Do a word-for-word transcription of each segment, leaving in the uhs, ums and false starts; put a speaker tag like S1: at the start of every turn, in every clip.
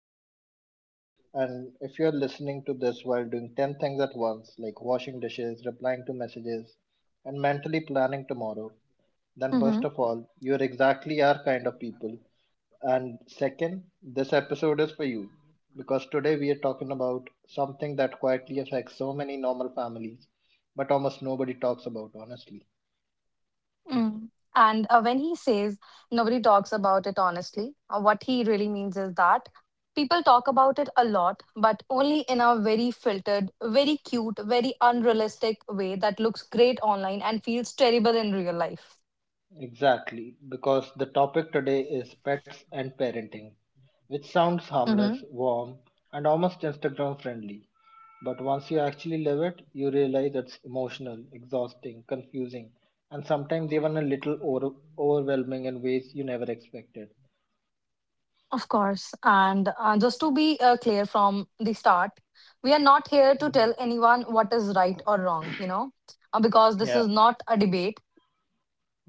S1: back to the podcast. And if you're listening to this while doing ten things at once, like washing dishes, replying to messages, and mentally planning tomorrow, then
S2: hmm
S1: first of all, you're exactly our kind of people. And second, this episode is for you because today we are talking about something that quietly affects so many normal families, but almost nobody talks about, honestly.
S2: Mm. And uh, when he says nobody talks about it honestly, uh, what he really means is that people talk about it a lot, but only in a very filtered, very cute, very unrealistic way that looks great online and feels terrible in real life.
S1: Exactly, because the topic today is pets and parenting, which sounds
S2: hmm
S1: harmless, warm, and almost Instagram friendly. But once you actually live it, you realize it's emotional, exhausting, confusing, and sometimes even a little over- overwhelming in ways you never expected.
S2: Of course. And uh, just to be uh, clear from the start, we are not here to
S1: Mhm.
S2: tell anyone what is right or wrong, you know, uh, because this is
S1: Yeah,
S2: not a debate.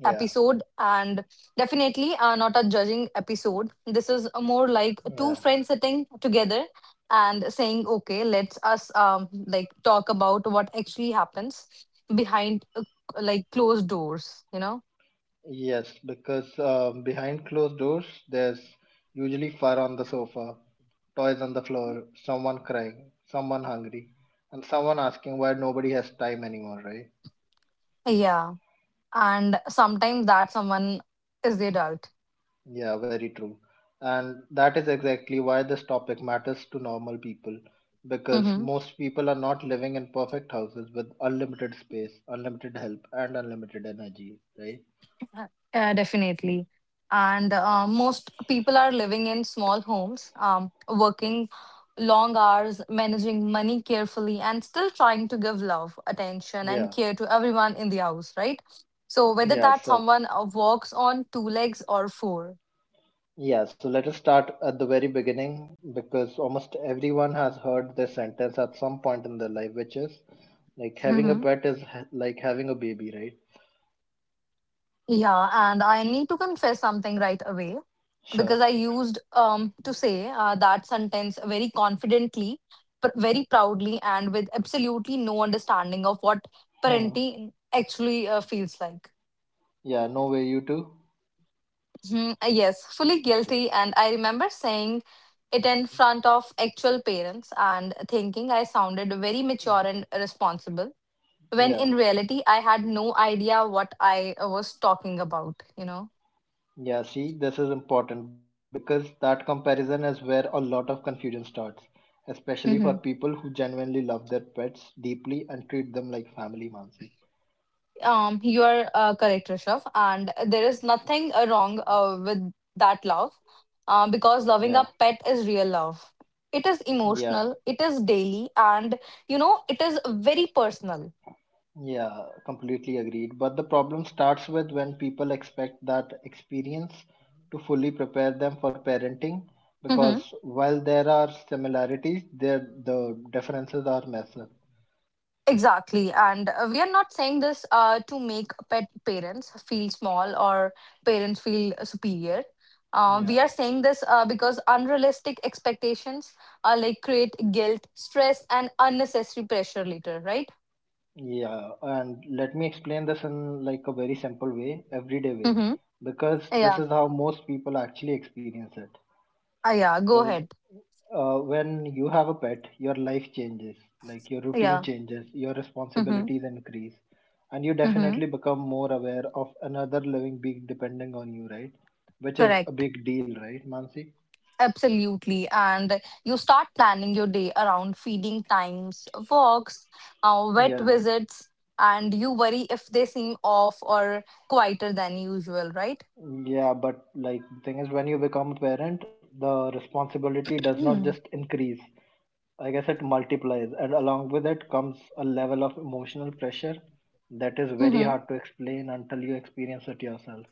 S1: yeah,
S2: Episode and definitely uh, not a judging episode. This is a more
S1: yeah.
S2: like two friends sitting together and saying, okay, let's us um, like talk about what actually happens behind uh, like closed doors, you know?
S1: Yes, because um, behind closed doors, there's usually fur on the sofa, toys on the floor, someone crying, someone hungry, and someone asking why nobody has time anymore, right?
S2: Yeah. And sometimes that someone is the adult.
S1: Yeah, very true. And that is exactly why this topic matters to normal people, because
S2: Mm-hmm.
S1: most people are not living in perfect houses with unlimited space, unlimited help, and unlimited energy, right?
S2: Yeah, definitely. And uh, most people are living in small homes, um, working long hours, managing money carefully, and still trying to give love, attention, and
S1: Yeah,
S2: care to everyone in the house, right? So, whether
S1: yeah.
S2: that
S1: So
S2: someone uh, walks on two legs or four.
S1: Yeah, so let us start at the very beginning because almost everyone has heard this sentence at some point in their life, which is like having a
S2: Mm-hmm.
S1: pet is ha- like having a baby, right?
S2: Yeah, and I need to confess something right away
S1: Sure.
S2: because I used um to say uh, that sentence very confidently, pr- very proudly, and with absolutely no understanding of what
S1: Hmm.
S2: parenting actually uh, feels like.
S1: Yeah, no way, you too.
S2: Mhm, uh, Yes, fully guilty, and I remember saying it in front of actual parents and thinking I sounded very mature and responsible, when
S1: Yeah.
S2: in reality I had no idea what I uh, was talking about. You know.
S1: Yeah, see, this is important because that comparison is where a lot of confusion starts, especially for
S2: Mm-hmm.
S1: people who genuinely love their pets deeply and treat them like family, Mansi.
S2: Um, you are uh, correct, Rishabh, and there is nothing uh, wrong uh, with that love, uh, because
S1: Yeah,
S2: loving a pet is real love. It is
S1: yeah.
S2: emotional, it is daily, and you know, it is very personal.
S1: Yeah, completely agreed. But the problem starts with when people expect that experience to fully prepare them for parenting, because while there are similarities, there the differences are massive.
S2: Exactly. And uh, we are not saying this uh, to make pet parents feel small or parents feel superior. Uh, we
S1: Yeah,
S2: are saying this uh, because unrealistic expectations uh, like create guilt, stress, and unnecessary pressure later, right?
S1: yeah, and let me explain this in like a very simple way, everyday way,
S2: Mm-hmm.
S1: because this
S2: Yeah.
S1: is how most people actually experience it.
S2: Uh, yeah. Go
S1: So
S2: ahead.
S1: uh, when you have a pet, your life changes, like your routine
S2: Yeah.
S1: changes, your
S2: Mm-hmm.
S1: responsibilities increase, and you
S2: Mm-hmm.
S1: definitely become more aware of another living being depending on you, right? Which is a
S2: Correct.
S1: big deal, right, Mansi?
S2: Absolutely. And you start planning your day around feeding times, walks, uh, vet
S1: Yeah,
S2: visits, and you worry if they seem off or quieter than usual, right?
S1: yeah, but like the thing is, when you become a parent, the responsibility does not just increase. I guess it multiplies, and along with it comes a level of emotional pressure that is very
S2: hmm
S1: hard to explain until you experience it yourself.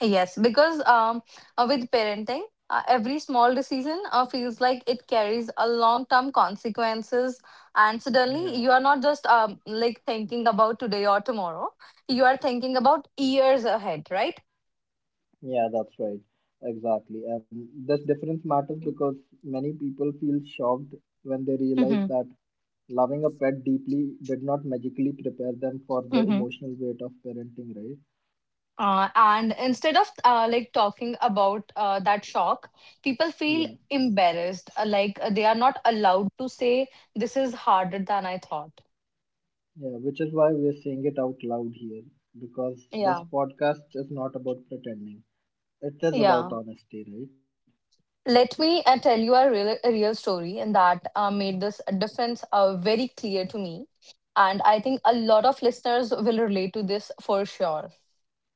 S2: Yes, because um, uh, with parenting, uh, every small decision uh, feels like it carries a long-term consequences, and suddenly
S1: Yeah.
S2: you are not just um, like thinking about today or tomorrow. You are thinking about years ahead, right?
S1: Yeah, that's right. Exactly. And this difference matters because many people feel shocked when they realize that loving a pet deeply did not magically prepare them for the
S2: Mm-hmm.
S1: emotional weight of parenting, right?
S2: Uh, and instead of uh, like talking about uh, that shock, people
S1: Yeah.
S2: feel embarrassed, uh, like uh, they are not allowed to say, this is harder than I thought.
S1: Yeah, which is why we're saying it out loud here because this
S2: Yeah,
S1: podcast is not about pretending. It is about
S2: yeah.
S1: honesty, right?
S2: Let me uh, tell you a real, a real story, and that uh, made this difference uh, very clear to me. And I think a lot of listeners will relate to this for sure.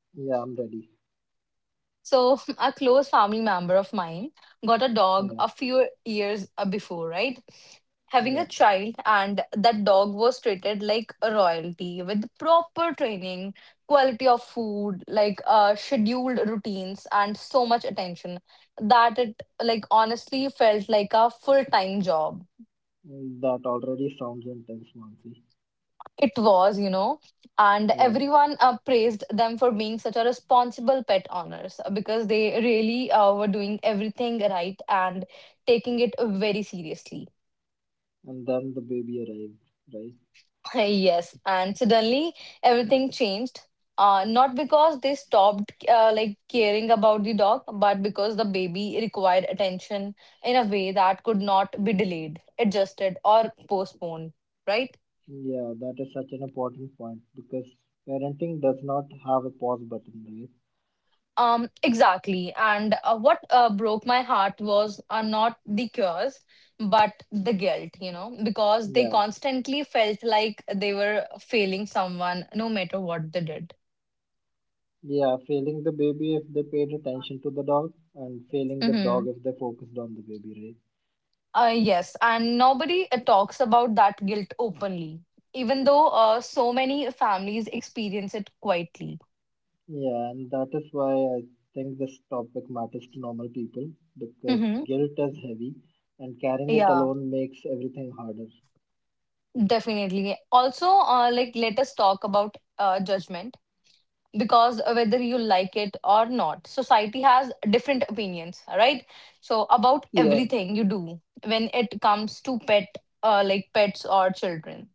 S1: Yeah, I'm ready.
S2: So, a close family member of mine got a
S1: Yeah,
S2: dog a few years uh, before, right?
S1: yeah.
S2: Having a child, and that dog was treated like a royalty with proper training, quality of food, like uh, scheduled routines, and so much attention that it, like, honestly felt like a full-time job.
S1: That already sounds intense, Mansi.
S2: It was, you know, and
S1: Yeah.
S2: everyone uh, praised them for being such a responsible pet owners uh, because they really uh, were doing everything right and taking it very seriously.
S1: And then the baby arrived, right.
S2: Yes, and suddenly everything changed. Uh, not because they stopped uh, like caring about the dog, but because the baby required attention in a way that could not be delayed, adjusted, or postponed, right?
S1: Yeah, that is such an important point because parenting does not have a pause button, right?
S2: Um, exactly. And uh, what uh, broke my heart was uh, not the cures, but the guilt, you know, because they
S1: Yeah,
S2: constantly felt like they were failing someone no matter what they did.
S1: yeah, failing the baby if they paid attention to the dog, and failing the
S2: Mm-hmm.
S1: dog if they focused on the baby, right?
S2: Uh, yes, and nobody uh, talks about that guilt openly, even though uh, so many families experience it quietly.
S1: Yeah, and that is why I think this topic matters to normal people because
S2: Mm-hmm.
S1: guilt is heavy and carrying it
S2: Yeah,
S1: alone makes everything harder.
S2: definitely. Also, uh, like let us talk about uh, judgment, because whether you like it or not, society has different opinions, right? So
S1: Yeah,
S2: about everything you do when it comes to pet, uh, like pets or children.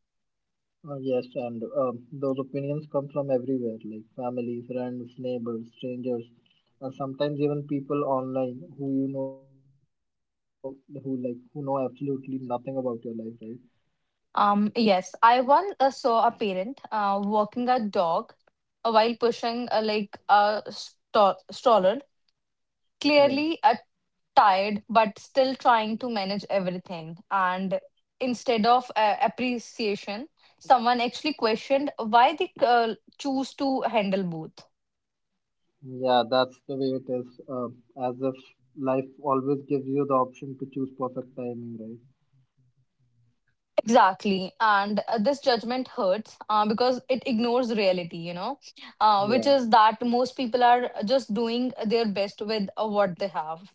S1: uh, yes, and um, those opinions come from everywhere, like family, friends, neighbors, strangers, and sometimes even people online who you know who like who know absolutely nothing about your life, right?
S2: um Yes, I once uh, saw a parent uh, walking a dog uh, while pushing uh, like a sto- stroller,
S1: Yeah,
S2: clearly a. tired but still trying to manage everything, and instead of uh, appreciation, someone actually questioned why they uh, choose to handle both.
S1: yeah, that's the way it is. Uh, as if life always gives you the option to choose perfect timing, right?
S2: Exactly, and uh, this judgment hurts uh, because it ignores reality, you know, uh,
S1: Yeah,
S2: which is that most people are just doing their best with uh, what they have.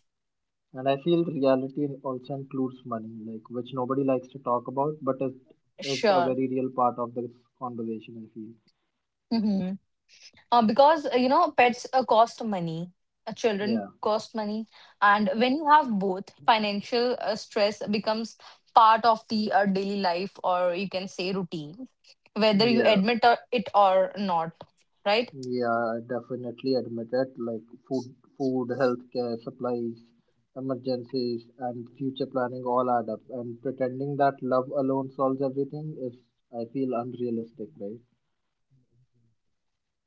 S1: and I feel reality also includes money, like which nobody likes to talk about, but it is a
S2: Sure.
S1: very real part of this conversation. I feel.
S2: Mhm. Uh, because uh, you know, pets uh, cost money, uh, children
S1: Yeah.
S2: cost money, and when you have both, financial uh, stress becomes part of the uh, daily life, or you can say routine, whether you
S1: Yeah.
S2: admit or- it or not, right?
S1: Yeah, definitely admit it. Like food, food, healthcare, supplies, emergencies, and future planning all add up. And pretending that love alone solves everything is, I feel, unrealistic, right?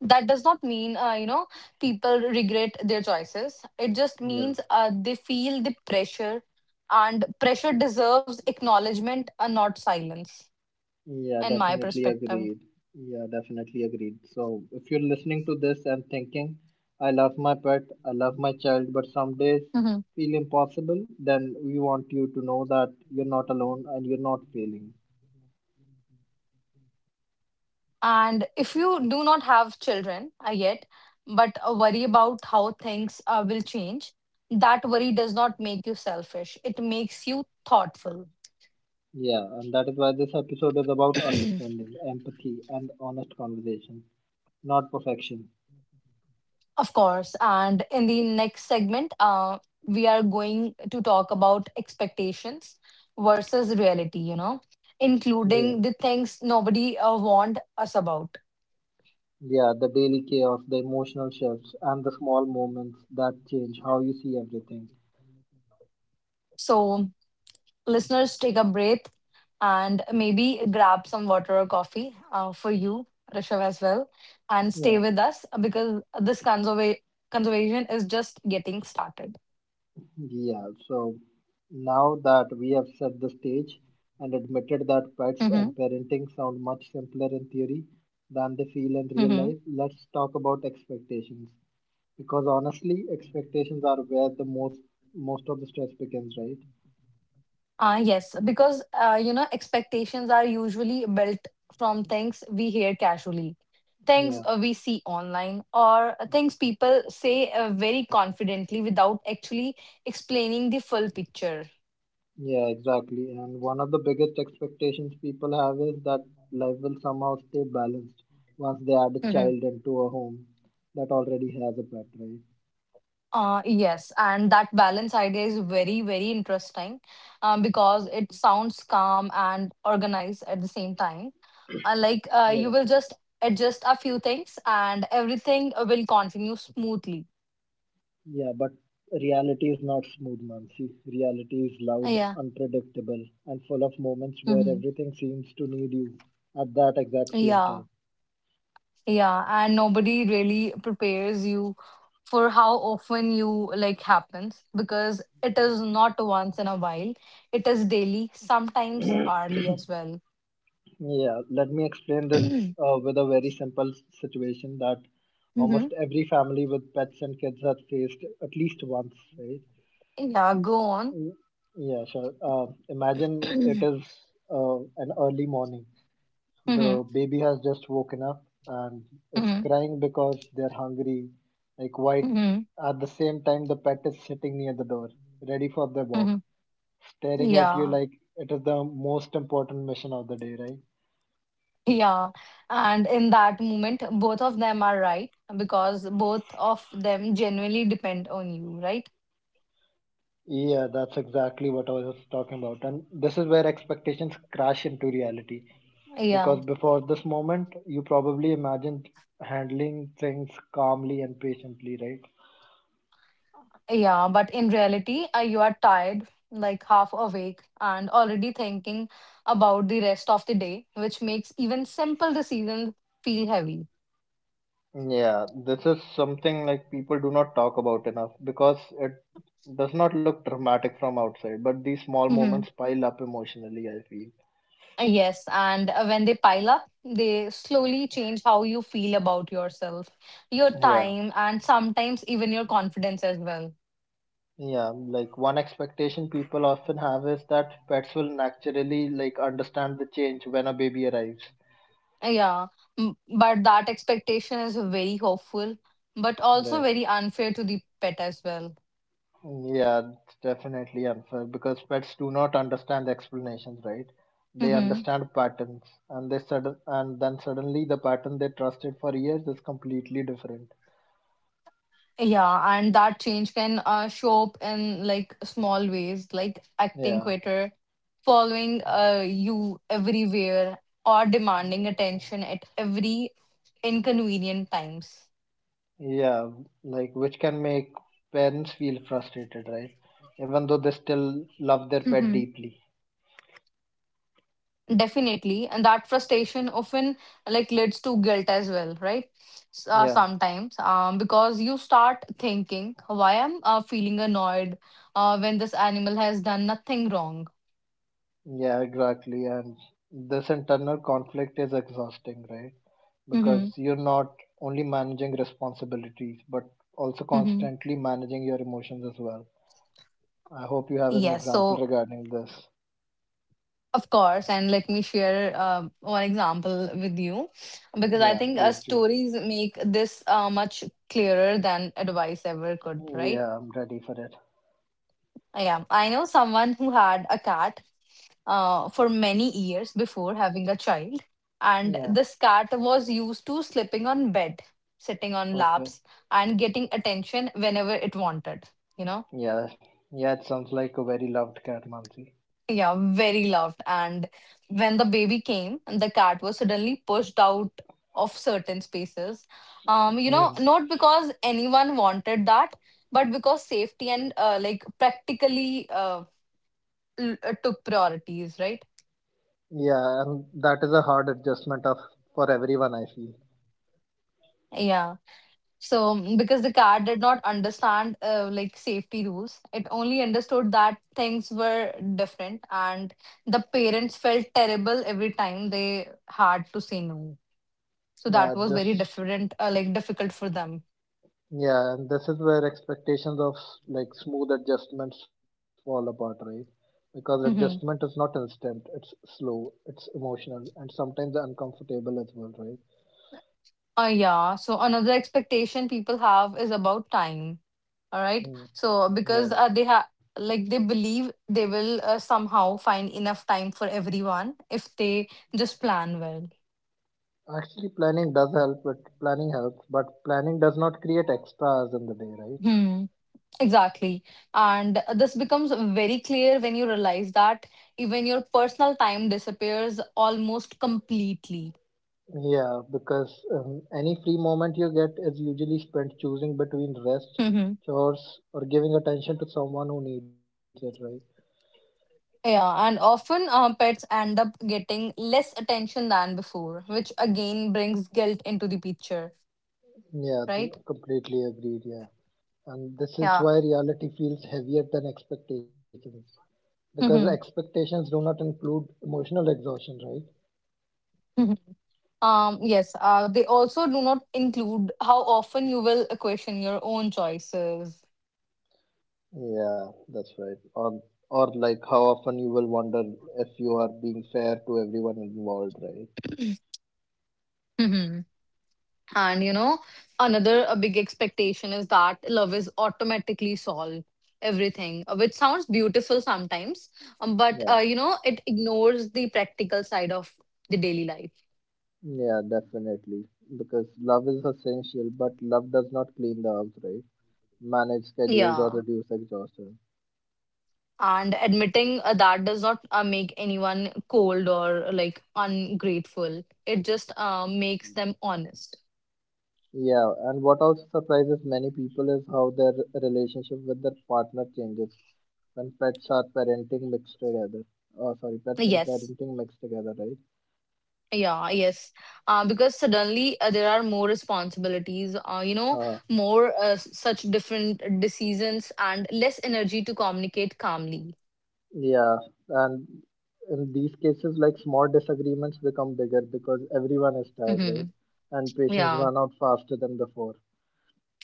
S2: That does not mean uh, you know, people regret their choices. It just
S1: Yeah.
S2: means uh, they feel the pressure, and pressure deserves acknowledgement and not silence,
S1: Yeah,
S2: in my
S1: definitely
S2: perspective.
S1: agreed. Yeah, definitely agreed. So if you're listening to this and thinking, I love my pet, I love my child, but some days feel impossible, then we want you to know that you're not alone and you're not failing.
S2: And if you do not have children uh, yet, but uh, worry about how things uh, will change, that worry does not make you selfish. It makes you thoughtful.
S1: Yeah, and that is why this episode is about understanding, empathy, and honest conversation, not perfection.
S2: Of course. And in the next segment, uh, we are going to talk about expectations versus reality, you know,
S1: Yeah,
S2: including the things nobody uh, warned us about.
S1: yeah, the daily chaos, the emotional shifts, and the small moments that change how you see everything.
S2: So, listeners, take a breath and maybe grab some water or coffee uh, for you, Rishav, as well, and stay
S1: Yeah,
S2: with us uh, because this conserva- conservation is just getting started.
S1: yeah, so now that we have set the stage and admitted that pets
S2: Mm-hmm.
S1: and parenting sound much simpler in theory than they feel in real
S2: Mm-hmm.
S1: life, let's talk about expectations. Because honestly, expectations are where the most most of the stress begins, right?
S2: Uh, yes, because uh, you know, expectations are usually built from things we hear casually, things
S1: Yeah,
S2: uh, we see online, or things people say uh, very confidently without actually explaining the full picture.
S1: yeah, exactly. And one of the biggest expectations people have is that life will somehow stay balanced once they add a child into a home that already has a pet, right?
S2: Uh, yes, and that balance idea is very, very interesting, um, because it sounds calm and organized at the same time. Uh, like uh, you
S1: Yeah,
S2: will just adjust a few things and everything uh, will continue smoothly.
S1: yeah, but reality is not smooth, Mansi. Reality is loud,
S2: Yeah.
S1: unpredictable, and full of moments where
S2: hmm
S1: everything seems to need you at that exact same
S2: Yeah.
S1: time.
S2: Yeah. And nobody really prepares you for how often you like happens, because it is not once in a while. It is daily, sometimes hourly as well.
S1: Yeah, let me explain this
S2: hmm
S1: uh, with a very simple s- situation that almost every family with pets and kids has faced at least once, right?
S2: Yeah, go on.
S1: Y- Yeah, sure. Uh, imagine it
S2: Mm-hmm.
S1: is uh, an early morning. The baby has just woken up and is
S2: hmm
S1: crying because they're hungry. Like, white.
S2: hmm
S1: At the same time, the pet is sitting near the door, ready for their
S2: hmm
S1: walk, staring at you
S2: Yeah.
S1: like it is the most important mission of the day, right?
S2: Yeah. And in that moment, both of them are right because both of them genuinely depend on you, right?
S1: Yeah, that's exactly what I was talking about. And this is where expectations crash into reality.
S2: Yeah.
S1: Because before this moment, you probably imagined handling things calmly and patiently, right?
S2: Yeah. But in reality, uh, you are tired, like half awake, and already thinking about the rest of the day, which makes even simple decisions feel heavy.
S1: Yeah, this is something like people do not talk about enough because it does not look dramatic from outside, but these small moments pile up emotionally, I feel.
S2: Uh, Yes, and uh, when they pile up, they slowly change how you feel about yourself, your
S1: Yeah,
S2: time, and sometimes even your confidence as well.
S1: yeah, like one expectation people often have is that pets will naturally like understand the change when a baby arrives.
S2: Uh, Yeah, m- but that expectation is very hopeful, but also
S1: Right.
S2: very unfair to the pet as well.
S1: Yeah, it's definitely unfair because pets do not understand explanations, right? They
S2: hmm
S1: understand patterns, and they sudden and then suddenly the pattern they trusted for years is completely different.
S2: Yeah, and that change can uh, show up in like small ways, like acting
S1: Yeah,
S2: quitter, following uh, you everywhere, or demanding attention at every inconvenient times.
S1: yeah, like which can make parents feel frustrated, right? Even though they still love their pet
S2: Mhm.
S1: deeply.
S2: Definitely. And that frustration often like leads to guilt as well, right? S- Uh,
S1: Yeah,
S2: sometimes, um, because you start thinking, why am I feeling annoyed uh, when this animal has done nothing wrong?
S1: yeah, exactly. And this internal conflict is exhausting, right?
S2: Mm-hmm.
S1: Because you're not only managing responsibilities but also
S2: Mm-hmm.
S1: constantly managing your emotions as well. I hope you have an
S2: Yes,
S1: example
S2: so
S1: regarding this.
S2: of course, and let me share um one example with you because I
S1: Yeah,
S2: think uh,
S1: please do.
S2: stories make this uh, much clearer than advice ever could, right?
S1: Yeah, I'm ready for it.
S2: Yeah, I know someone who had a cat uh, for many years before having a child, and
S1: Yeah,
S2: this cat was used to sleeping on bed, sitting on
S1: okay.
S2: laps, and getting attention whenever it wanted, you know?
S1: Yeah, yeah, it sounds like a very loved cat, Mansi.
S2: Yeah, very loved. And when the baby came, the cat was suddenly pushed out of certain spaces. Um, you know,
S1: Hmm.
S2: not because anyone wanted that, but because safety and uh, like practically uh, l- uh, took priorities, right?
S1: Yeah, and that is a hard adjustment of for everyone, I feel.
S2: Yeah. So, mm, because the car did not understand uh, like safety rules, it only understood that things were different, and the parents felt terrible every time they had to say no. So
S1: Yeah,
S2: that was very
S1: this
S2: different, uh, like difficult for them.
S1: Yeah, and this is where expectations of like smooth adjustments fall apart, right? Because adjustment is
S2: hmm
S1: not instant, it's slow, it's emotional, and sometimes uncomfortable as well, right?
S2: Uh, yeah. So another expectation people have is about time. All right.
S1: Mm,
S2: So
S1: yeah.
S2: because uh, they have like they believe they will uh, somehow find enough time for everyone if they just plan well.
S1: Actually, planning does help, but planning helps, but planning does not create extras in the day, right?
S2: Hmm. Exactly. And this becomes very clear when you realize that even your personal time disappears almost completely.
S1: Yeah, because um, any free moment you get is usually spent choosing between rest,
S2: hmm
S1: chores, or giving attention to someone who needs it, right?
S2: Yeah, and often uh, pets end up getting less attention than before, which again brings guilt into the picture,
S1: Yeah, th-
S2: right?
S1: completely agreed, yeah. And this is
S2: Yeah.
S1: why reality feels heavier than expectations. Because
S2: hmm
S1: expectations do not include emotional exhaustion, right?
S2: hmm Um, yes, uh, they also do not include how often you will question your own choices.
S1: Yeah, that's right. Or or like how often you will wonder if you are being fair to everyone involved, right?
S2: And you know, another a big expectation is that love is automatically solved everything, uh, which sounds beautiful sometimes, um, but
S1: Yeah,
S2: uh, you know, it ignores the practical side of the daily life.
S1: yeah, definitely. Because love is essential, but love does not clean the house, right? Manage schedules or
S2: Yeah.
S1: reduce exhaustion.
S2: And admitting uh, that does not uh, make anyone cold or like ungrateful. It just uh, makes them honest.
S1: Yeah, and what also surprises many people is how their relationship with their partner changes when pets are parenting mixed together. Oh, sorry, pets and
S2: Yes.
S1: parenting mixed together, right?
S2: Yeah, yes. Uh, because suddenly uh, there are more responsibilities, uh, you know,
S1: Uh,
S2: more uh, s- such different decisions and less energy to communicate calmly.
S1: yeah, and in these cases, like small disagreements become bigger because everyone is tired, right?
S2: hmm
S1: And patients
S2: Yeah,
S1: run out faster than before.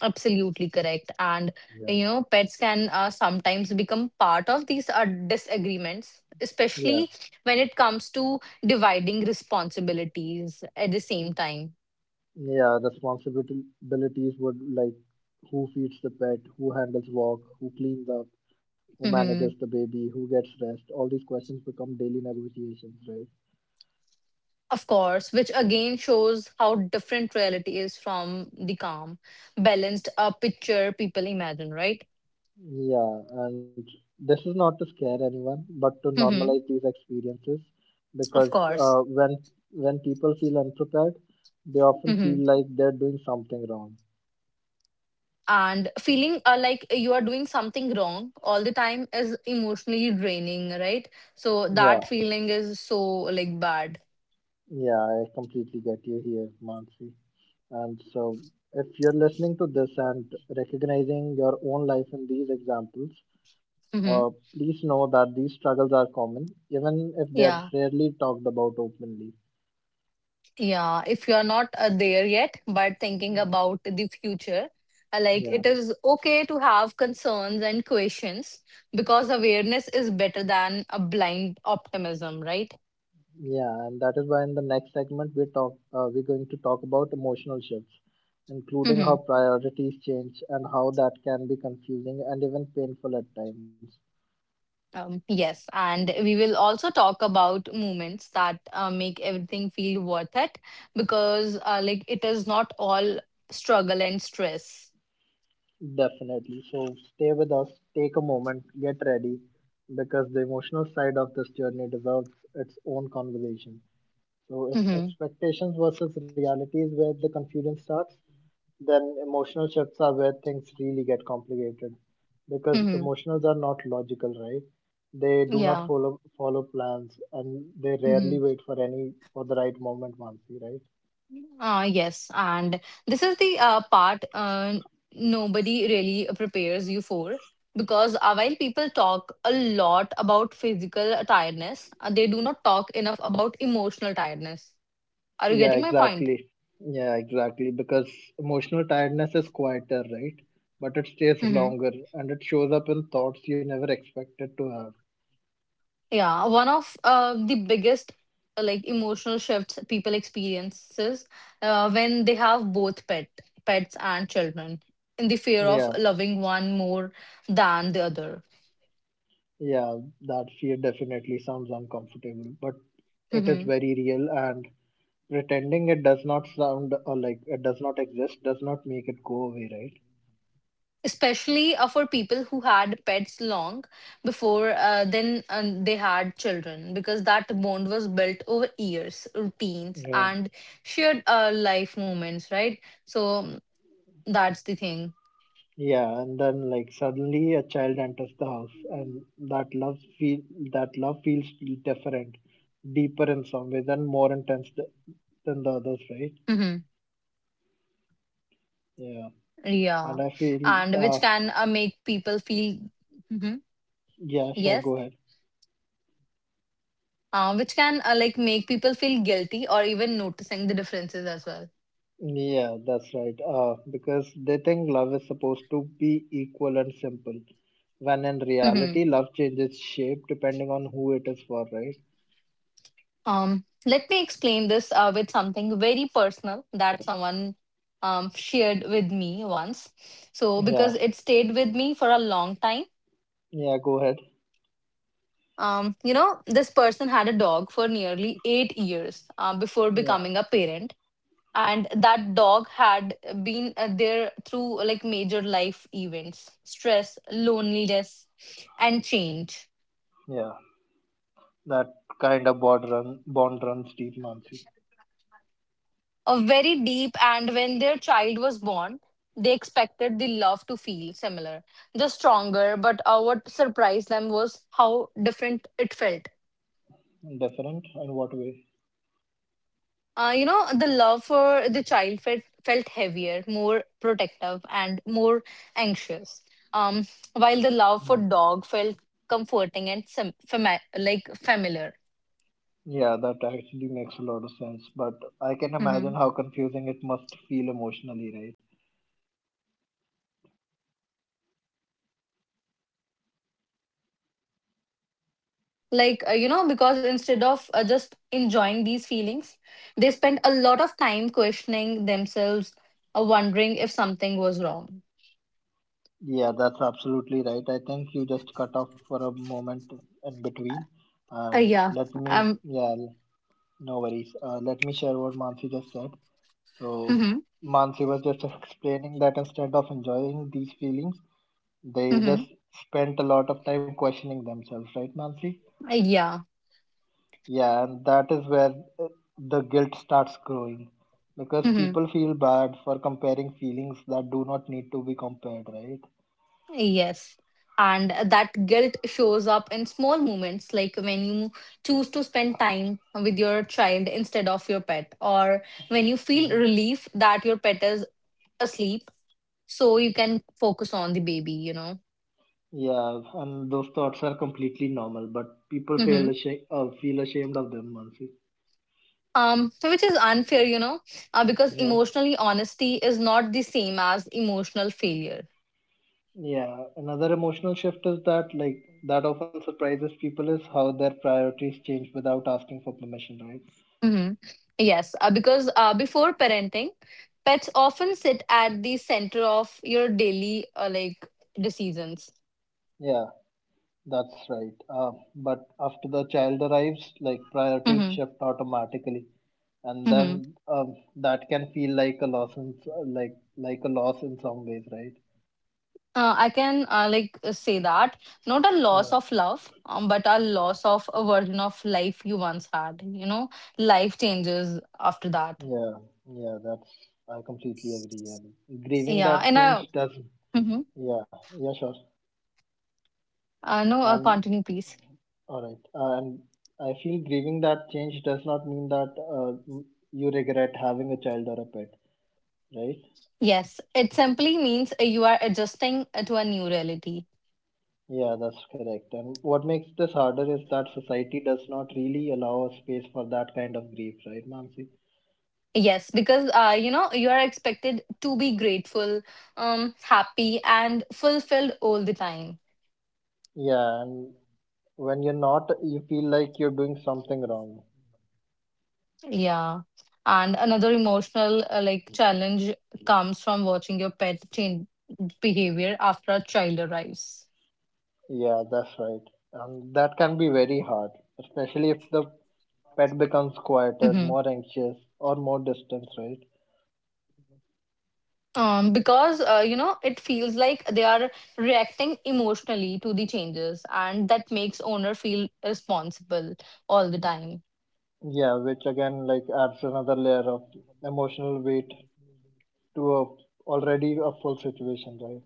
S2: absolutely correct. And,
S1: Yeah.
S2: you know, pets can uh, sometimes become part of these uh, disagreements,
S1: Yeah,
S2: especially when it comes to dividing responsibilities at the same time.
S1: yeah, responsibilities would like who feeds the pet, who handles work, who cleans up, who manages
S2: Mm-hmm.
S1: the baby, who gets rest. All these questions become daily negotiations, right?
S2: Of course, which again shows how different reality is from the calm, balanced uh, picture people imagine, right?
S1: Yeah, and this is not to scare anyone, but to
S2: Mm-hmm.
S1: normalize these experiences
S2: Of
S1: because
S2: course.
S1: uh, when when people feel unprepared, they often
S2: Mm-hmm.
S1: feel like they're doing something wrong.
S2: And feeling uh, like you are doing something wrong all the time is emotionally draining, right? So
S1: Yeah,
S2: that feeling is so like bad.
S1: yeah, I completely get you here, Mansi. And so, if you're listening to this and recognizing your own life in these examples, uh,
S2: Mm-hmm.
S1: please know that these struggles are common, even if they're
S2: Yeah.
S1: rarely talked about openly.
S2: Yeah, if you are not uh, there yet, but thinking about the future, uh, like
S1: Yeah,
S2: it is okay to have concerns and questions because awareness is better than a blind optimism, right?
S1: yeah, and that is why in the next segment we talk uh, we're going to talk about emotional shifts, including
S2: Hmm.
S1: how priorities change and how that can be confusing and even painful at times.
S2: Um, yes, and we will also talk about moments that uh, make everything feel worth it because, uh, like, it is not all struggle and stress.
S1: Definitely. So stay with us, take a moment, get ready, because the emotional side of this journey deserves its own conversation. So if
S2: Hmm.
S1: expectations versus reality is where the confusion starts, then emotional shifts are where things really get complicated. Because
S2: Hmm.
S1: emotionals are not logical, right? They do not
S2: Yeah.
S1: follow follow plans and they rarely
S2: Hmm.
S1: wait for any for the right moment once, right?
S2: Uh, yes, and this is the uh, part uh, nobody really prepares you for because uh, while people talk a lot about physical tiredness, uh, they do not talk enough about emotional tiredness. Are you
S1: Yeah,
S2: getting my point?
S1: exactly. Yeah, exactly. Because emotional tiredness is quieter, right? But it stays
S2: Mm-hmm.
S1: longer and it shows up in thoughts you never expected to have.
S2: Yeah, one of uh, the biggest uh, like emotional shifts people experiences uh, when they have both pet pets and children in the fear of
S1: Yeah,
S2: loving one more than the other.
S1: yeah, that fear definitely sounds uncomfortable, but it is very real, and pretending it does not sound or like it does not exist does not make it go away, right?
S2: Especially uh, for people who had pets long before uh, then um, they had children because that bond was built over years routines
S1: Yeah.
S2: and shared uh, life moments, right? So um, that's the thing.
S1: Yeah, and then, like, suddenly a child enters the house, and that love feel that love feels different, deeper in some ways, and more intense th- than the others, right?
S2: Hmm.
S1: Yeah,
S2: Yeah,
S1: and I feel,
S2: and
S1: uh,
S2: which can uh, make people feel. Mhm.
S1: yeah, sure,
S2: Yes,
S1: go ahead.
S2: uh, which can uh, like make people feel guilty or even noticing the differences as
S1: Yeah, that's right. Uh, because they think love is supposed to be equal and simple, when in
S2: well.
S1: reality, love changes shape depending on who it is for, right?
S2: Um, let me explain this uh, with something very personal that someone um, shared with me once. So,
S1: Yeah,
S2: because it stayed with me for a long time.
S1: yeah, go ahead.
S2: Um, you know, this person had a dog for nearly eight years uh, before
S1: Yeah,
S2: becoming a parent. And that dog had been uh, there through like major life events, stress, loneliness, and change.
S1: yeah, that kind of bond run bond runs deep, Mansi.
S2: A very deep. And when their child was born, they expected the love to feel similar, just stronger, but uh, what surprised them was how different it felt.
S1: Different in what way?
S2: Uh, you know, the love for the child felt, felt heavier, more protective and more anxious. um, while the love for
S1: Hmm.
S2: dog felt comforting and sim- fami- like familiar.
S1: Yeah, that actually makes a lot of sense. But I can imagine
S2: Mhm.
S1: how confusing it must feel emotionally, right?
S2: Like uh, you know, because instead of uh, just enjoying these feelings, they spend a lot of time questioning themselves, uh, wondering if something was wrong.
S1: Yeah, that's absolutely right. I think you just cut off for a moment in between.
S2: Uh,
S1: And
S2: yeah.
S1: let me,
S2: Um.
S1: yeah, no worries. Uh, let me share what Mansi just said. So,
S2: Hmm.
S1: Mansi was just explaining that instead of enjoying these feelings, they
S2: Hmm.
S1: just spent a lot of time questioning themselves, right, Mansi?
S2: Yeah.
S1: Yeah, and that is where uh, the guilt starts growing, because
S2: Hmm.
S1: people feel bad for comparing feelings that do not need to be compared, right?
S2: Yes, and that guilt shows up in small moments, like when you choose to spend time with your child instead of your pet, or when you feel
S1: Hmm.
S2: relief that your pet is asleep so you can focus on the baby, you know.
S1: Yeah, and those thoughts are completely normal, but people feel
S2: Hmm.
S1: ashamed, uh, feel ashamed of them, Mansi.
S2: Um so which is unfair, you know, uh, because
S1: Yeah,
S2: emotionally honesty is not the same as emotional failure.
S1: yeah. Another emotional shift is that, like, that often surprises people is how their priorities change without asking for permission, right?
S2: Hmm. Yes, uh, because uh, before parenting, pets often sit at the center of your daily uh, like decisions.
S1: Yeah, that's right. Uh, but after the child arrives, like, priorities
S2: Hmm.
S1: shift automatically. And
S2: Hmm.
S1: then um, that can feel like a loss in like like a loss in some ways, right?
S2: Uh, I can uh, like uh, say that, not a loss
S1: Yeah,
S2: of love, um, but a loss of a version of life you once had. You know, life changes after that.
S1: yeah, yeah, that's I completely agree. And grieving
S2: Yeah,
S1: that
S2: and
S1: change
S2: I.
S1: does
S2: Mm-hmm.
S1: Yeah, yeah, sure.
S2: Uh, no, uh,
S1: and
S2: Continue, please.
S1: all right uh, and I feel grieving that change does not mean that, uh, m- you regret having a child or a pet, right?
S2: Yes, it simply means uh, you are adjusting uh, to a new reality.
S1: Yeah, that's correct. And what makes this harder is that society does not really allow a space for that kind of grief, right, Mansi?
S2: Yes, because uh, you know, you are expected to be grateful, um, happy, and fulfilled all the time.
S1: Yeah, and when you're not, you feel like you're doing something wrong.
S2: Yeah, and another emotional uh, like challenge comes from watching your pet change behavior after a child arrives.
S1: Yeah, that's right. And that can be very hard, especially if the pet becomes quieter,
S2: Mm-hmm.
S1: more anxious, or more distant, right?
S2: Um, because uh, you know, it feels like they are reacting emotionally to the changes, and that makes owner feel responsible all the time.
S1: Yeah, which again, like, adds another layer of emotional weight to a already a full situation, right?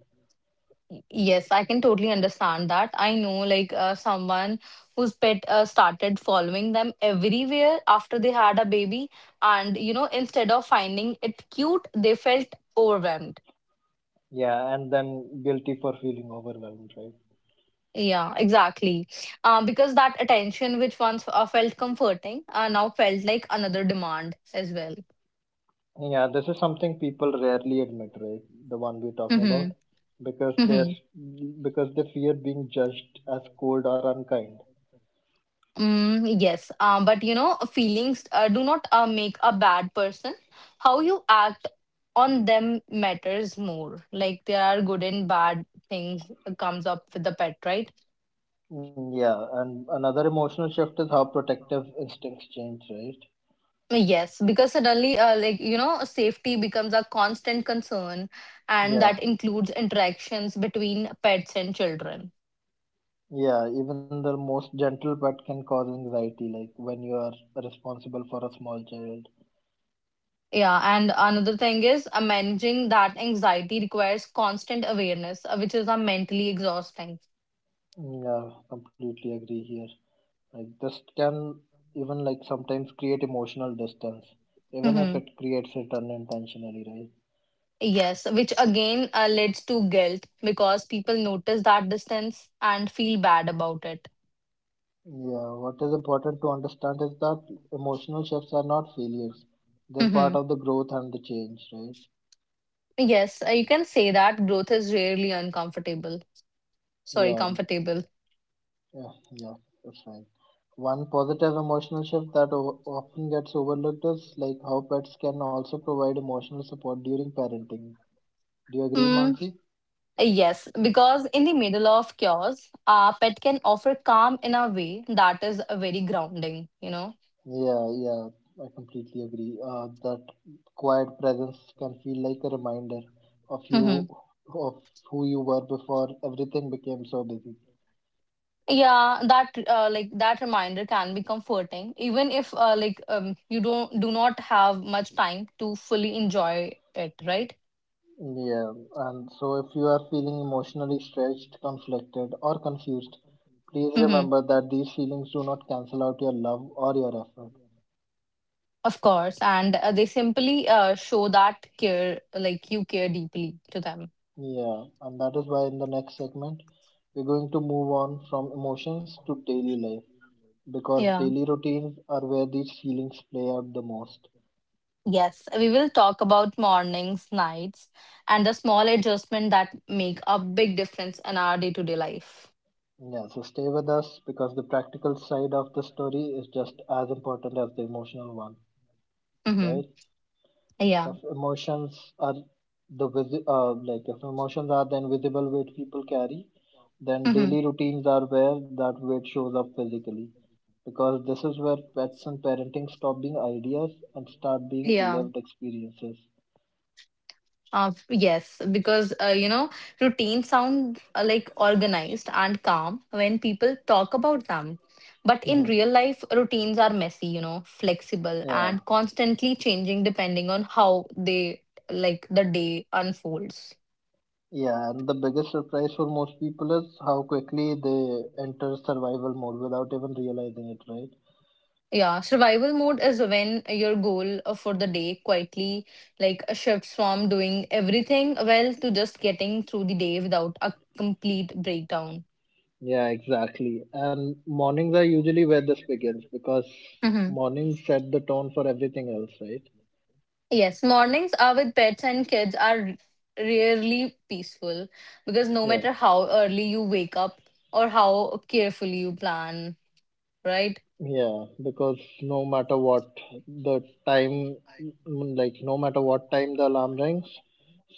S2: Y- Yes, I can totally understand that. I know, like uh, someone whose pet uh, started following them everywhere after they had a baby, and you know, instead of finding it cute, they felt overwhelmed.
S1: Yeah, and then guilty for feeling overwhelmed, right?
S2: Yeah, exactly. Uh, because that attention, which once uh, felt comforting, uh, now felt like another demand as well.
S1: Yeah, this is something people rarely admit, right? The one we're talking
S2: Mm-hmm.
S1: about. because they're
S2: Hmm.
S1: because they fear being judged as cold or unkind.
S2: Mm, yes, um, but you know, feelings uh, do not uh, make a bad person. How you act on them matters more. Like there are good and bad things uh, comes up with the pet, right?
S1: Mm, yeah, and another emotional shift is how protective instincts change, right?
S2: Yes, because suddenly, uh, like you know, safety becomes a constant concern, and that
S1: Yeah,
S2: includes interactions between pets and children.
S1: yeah, even the most gentle pet can cause anxiety, like when you are responsible for a small child.
S2: Yeah, and another thing is uh, managing that anxiety requires constant awareness, uh, which is uh, mentally exhausting.
S1: Mm, yeah, completely agree here. Like, this can even, like, sometimes create emotional distance, even if
S2: Mm-hmm.
S1: it creates it unintentionally, right?
S2: Yes, which again uh, leads to guilt because people notice that distance and feel bad about it.
S1: Yeah, what is important to understand is that emotional shifts are not failures. They're
S2: Hmm.
S1: part of the growth and the change, right?
S2: Yes, uh, you can say that growth is rarely uncomfortable. Sorry,
S1: Yeah,
S2: comfortable.
S1: yeah, yeah, that's right. One positive emotional shift that o- often gets overlooked is, like, how pets can also provide emotional support during parenting. Do you agree,
S2: Mm,
S1: Mansi?
S2: yes, because in the middle of chaos, our pet can offer calm in a way that is uh, very grounding, you know.
S1: Yeah, yeah, I completely agree. Uh, that quiet presence can feel like a reminder of
S2: Hmm.
S1: you, of who you were before everything became so busy.
S2: Yeah, that uh, like that reminder can be comforting, even if uh, like um, you don't do not have much time to fully enjoy it, right?
S1: Yeah, and so if you are feeling emotionally stretched, conflicted, or confused, please remember that these feelings do not cancel out your love or your effort.
S2: Of course, and uh, they simply uh, show that care, like you care deeply to them.
S1: Yeah, and that is why in the next segment, we're going to move on from emotions to daily life, because
S2: Yeah.
S1: daily routines are where these feelings play out the most.
S2: Yes, we will talk about mornings, nights, and the small adjustment that make a big difference in our day-to-day life.
S1: Yeah, so stay with us, because the practical side of the story is just as important as the emotional one,
S2: Mm-hmm.
S1: right?
S2: Yeah.
S1: if emotions are the visi- uh, like if emotions are the invisible weight people carry, then
S2: Mm-hmm.
S1: daily routines are where that weight shows up physically, because this is where pets and parenting stop being ideas and start being
S2: Yeah.
S1: lived experiences.
S2: Uh, yes, because uh, you know, routines sound uh, like organized and calm when people talk about them. But in
S1: Hmm.
S2: real life, routines are messy, you know, flexible
S1: Yeah,
S2: and constantly changing depending on how they like the day unfolds.
S1: yeah, and the biggest surprise for most people is how quickly they enter survival mode without even realizing it, right?
S2: Yeah, survival mode is when your goal uh, for the day quietly like shifts from doing everything well to just getting through the day without a complete breakdown.
S1: Yeah, exactly. And mornings are usually where this begins, because
S2: Mhm.
S1: mornings set the tone for everything else, right?
S2: Yes, mornings are with pets and kids are rarely peaceful because no
S1: Yeah.
S2: matter how early you wake up or how carefully you plan, right?
S1: Yeah, because no matter what the time, mm, like no matter what time the alarm rings,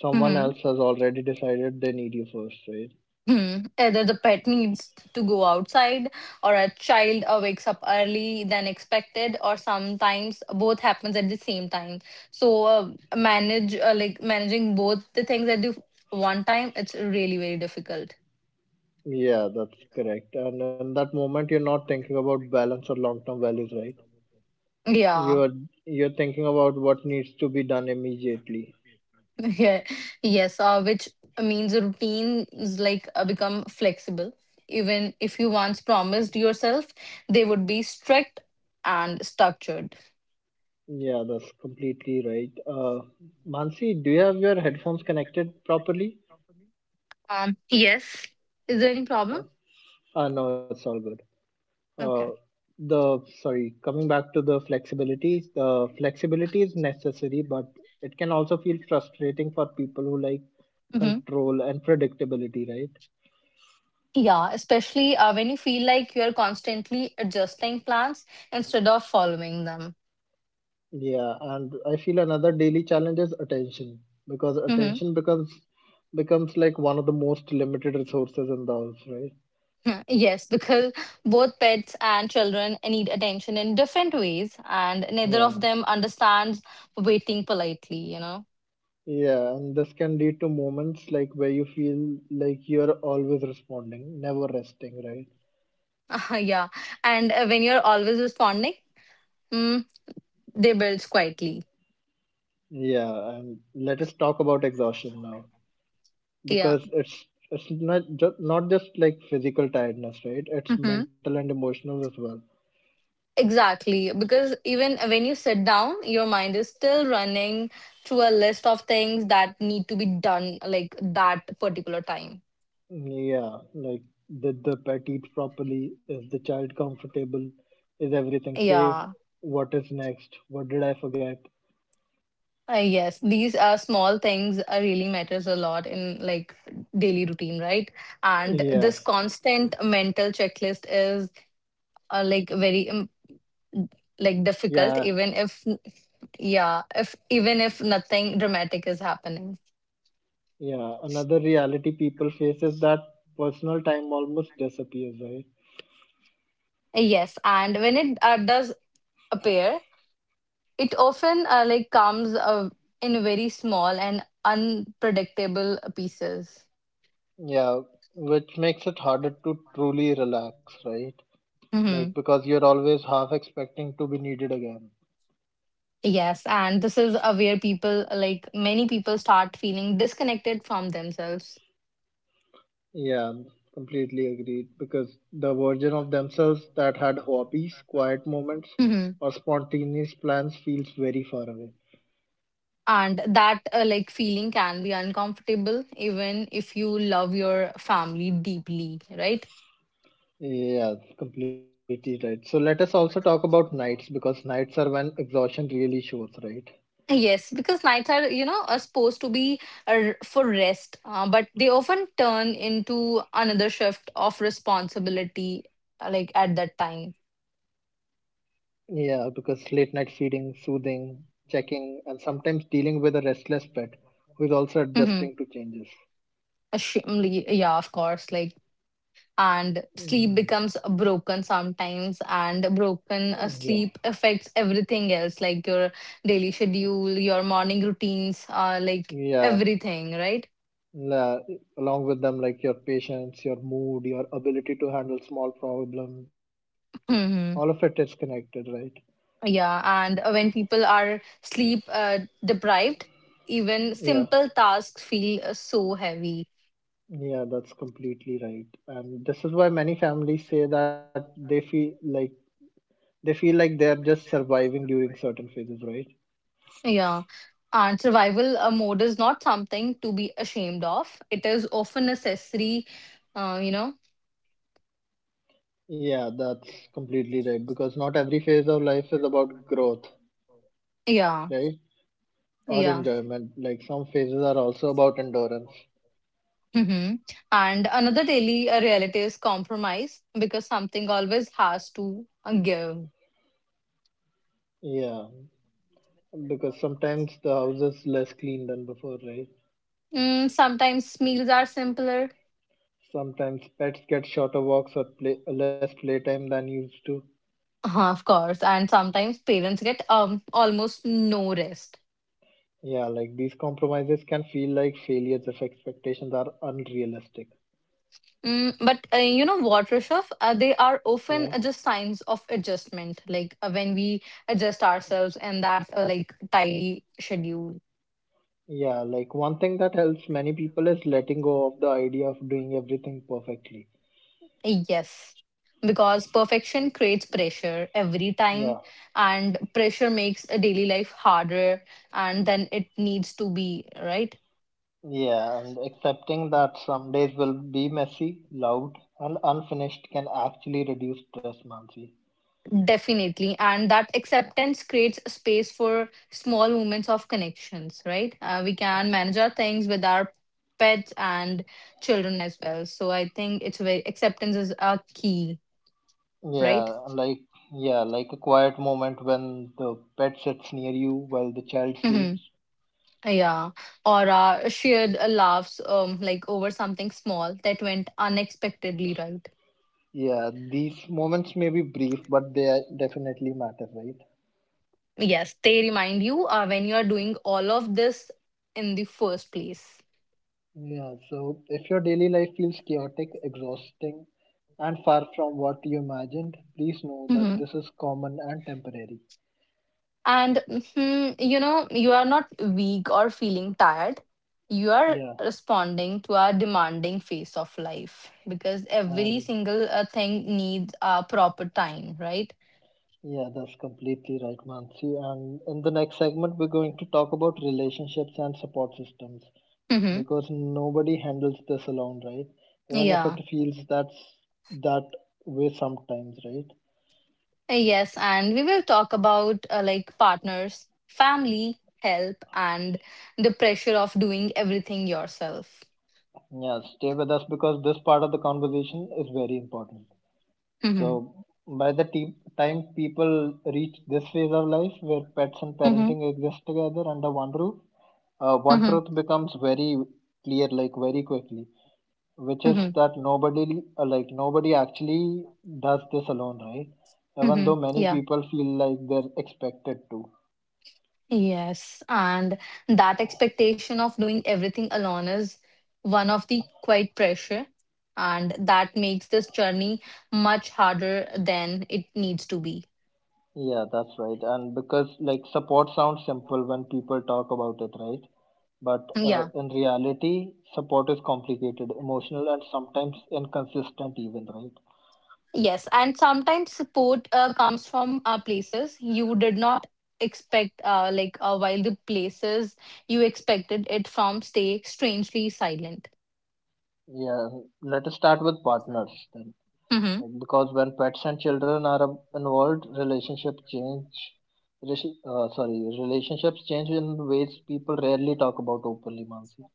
S1: someone
S2: Mm-hmm.
S1: else has already decided they need you first, right?
S2: Hmm. Either the pet needs to go outside, or a child uh, wakes up early than expected, or sometimes both happens at the same time. So uh, manage uh, like managing both the things at the one time, it's really very difficult.
S1: Yeah, that's correct. And in that moment, you're not thinking about balance or long-term values, right?
S2: Yeah.
S1: You're you're thinking about what needs to be done immediately.
S2: Yeah. Yes, uh, which means a routine like uh, become flexible. Even if you once promised yourself, they would be strict and structured.
S1: Yeah, that's completely right. Uh, Mansi, do you have your headphones connected properly?
S2: Um, yes. Is there any problem?
S1: Uh, uh, no, it's all good. Uh,
S2: Okay.
S1: the Sorry, coming back to the flexibility, the flexibility, is necessary, but it can also feel frustrating for people who like
S2: Mm-hmm.
S1: control and predictability, right?
S2: Yeah, especially uh, when you feel like you're constantly adjusting plans instead of following them.
S1: Yeah, and I feel another daily challenge is attention, because
S2: Mm-hmm.
S1: attention becomes becomes like one of the most limited resources in the house, right?
S2: Yes, because both pets and children need attention in different ways, and neither of
S1: Yeah.
S2: them understands waiting politely, you know.
S1: Yeah, and this can lead to moments like where you feel like you're always responding, never resting, right?
S2: Yeah. And uh, when you're always responding, mm, they build quietly.
S1: Yeah, and let us talk about exhaustion now,
S2: Yeah.
S1: because it's it's not ju- not just like physical tiredness, right? It's
S2: Hmm.
S1: mental and emotional as well.
S2: Exactly. Because even when you sit down, your mind is still running through a list of things that need to be done, like that particular time.
S1: Yeah, like, did the pet eat properly? Is the child comfortable? Is everything safe?
S2: Yeah.
S1: What is next? What did I forget?
S2: Uh, yes, these are small things uh, really matters a lot in like daily routine, right? And
S1: Yeah,
S2: this constant mental checklist is uh, like very like difficult,
S1: yeah,
S2: even if, yeah, if even if nothing dramatic is happening.
S1: yeah, another reality people face is that personal time almost disappears, right?
S2: Yes, and when it uh, does appear, it often uh, like comes uh, in very small and unpredictable pieces.
S1: Yeah, which makes it harder to truly relax, right? Like,
S2: Hmm.
S1: because you're always half expecting to be needed again.
S2: Yes, and this is uh, where people, like many people, start feeling disconnected from themselves.
S1: Yeah, completely agreed. Because the version of themselves that had hobbies, quiet moments,
S2: Hmm.
S1: or spontaneous plans feels very far away.
S2: And that uh, like feeling can be uncomfortable even if you love your family deeply, right?
S1: Yeah, completely right. So let us also talk about nights, because nights are when exhaustion really shows, right?
S2: Yes, because nights are, you know, are supposed to be uh, for rest, uh, but they often turn into another shift of responsibility, uh, like at that time.
S1: Yeah, because late night feeding, soothing, checking, and sometimes dealing with a restless pet who is also adjusting
S2: Mm-hmm.
S1: to changes.
S2: Yeah, of course. Like, and sleep
S1: Mm,
S2: becomes broken sometimes, and broken uh,
S1: yeah,
S2: sleep affects everything else, like your daily schedule, your morning routines, uh, like
S1: yeah.
S2: everything, right?
S1: la- Along with them, like, your patience, your mood, your ability to handle small problems, all of it is
S2: Mm-hmm.
S1: connected, right?
S2: Yeah, and uh, when people are sleep uh, deprived, even
S1: Yeah,
S2: simple tasks feel uh, so heavy.
S1: yeah, that's completely right. And this is why many families say that they feel like they feel like they're just surviving during certain phases, right?
S2: Yeah, and survival uh, mode is not something to be ashamed of. It is often necessary, uh, you know.
S1: Yeah, that's completely right, because not every phase of life is about growth,
S2: Yeah,
S1: right? Or
S2: yeah.
S1: enjoyment. Like, some phases are also about endurance.
S2: Hmm. And another daily uh, reality is compromise because something always has to uh, give.
S1: Yeah, because sometimes the house is less clean than before, right?
S2: Mm, sometimes meals are simpler.
S1: Sometimes pets get shorter walks or play less playtime than used to.
S2: Uh-huh. Of course, and sometimes parents get um almost no rest.
S1: Yeah, like, these compromises can feel like failures if expectations are unrealistic.
S2: Mm, but uh, you know what, Rishabh? Uh, they are
S1: Yeah.
S2: often uh, just signs of adjustment, like uh, when we adjust ourselves and that uh, like tidy schedule.
S1: Yeah, like, one thing that helps many people is letting go of the idea of doing everything perfectly.
S2: Uh, Yes, because perfection creates pressure every time,
S1: Yeah,
S2: and pressure makes a daily life harder, and then it needs to be right.
S1: yeah, and accepting that some days will be messy, loud, and unfinished can actually reduce stress, Mansi.
S2: Definitely. And that acceptance creates a space for small moments of connections, right? Uh, we can manage our things with our pets and children as well. So I think it's very acceptance is a key, right?
S1: Yeah, like yeah, like a quiet moment when the pet sits near you while the child
S2: Hmm.
S1: sleeps.
S2: Yeah. Or uh, shared uh, laughs, um, like over something small that went unexpectedly, right.
S1: Yeah, these moments may be brief, but they are- definitely matter, right?
S2: Yes, they remind you uh, when you are doing all of this in the first place.
S1: Yeah, so if your daily life feels chaotic, exhausting, and far from what you imagined, please know that
S2: Mhm.
S1: this is common and temporary.
S2: And mhm, you know, you are not weak or feeling tired. You are
S1: Yeah,
S2: responding to our demanding phase of life because every
S1: and
S2: single uh, thing needs a proper time, right?
S1: Yeah, that's completely right, Mansi. And in the next segment, we're going to talk about relationships and support systems,
S2: Mm-hmm.
S1: because nobody handles this alone, right? Even if it
S2: Yeah.
S1: feels that's that way sometimes, right?
S2: Yes. And we will talk about uh, like partners, family, help, and the pressure of doing everything yourself.
S1: Yeah, stay with us, because this part of the conversation is very important.
S2: Mm-hmm.
S1: So, by the te- time people reach this phase of life where pets and
S2: Mm-hmm.
S1: parenting exist together under one roof, uh, one
S2: Mm-hmm.
S1: truth becomes very clear, like, very quickly. Which is
S2: Mm-hmm.
S1: that nobody uh, like nobody actually does this alone, right? Even
S2: Mm-hmm.
S1: though many
S2: Yeah.
S1: people feel like they're expected to.
S2: Yes, and that expectation of doing everything alone is one of the quite pressure, and that makes this journey much harder than it needs to be.
S1: Yeah, that's right. And because, like, support sounds simple when people talk about it, right? But, uh,
S2: Yeah,
S1: in reality, support is complicated, emotional, and sometimes inconsistent even, right?
S2: yes, and sometimes support uh, comes from uh, places you did not expect, uh, like uh, while the places you expected it from stay strangely silent.
S1: Yeah, let us start with partners then.
S2: Mhm.
S1: Like, because when pets and children are ab- involved, relationships change. Relation- Uh, sorry, relationships change in ways people rarely talk about openly, Mansi.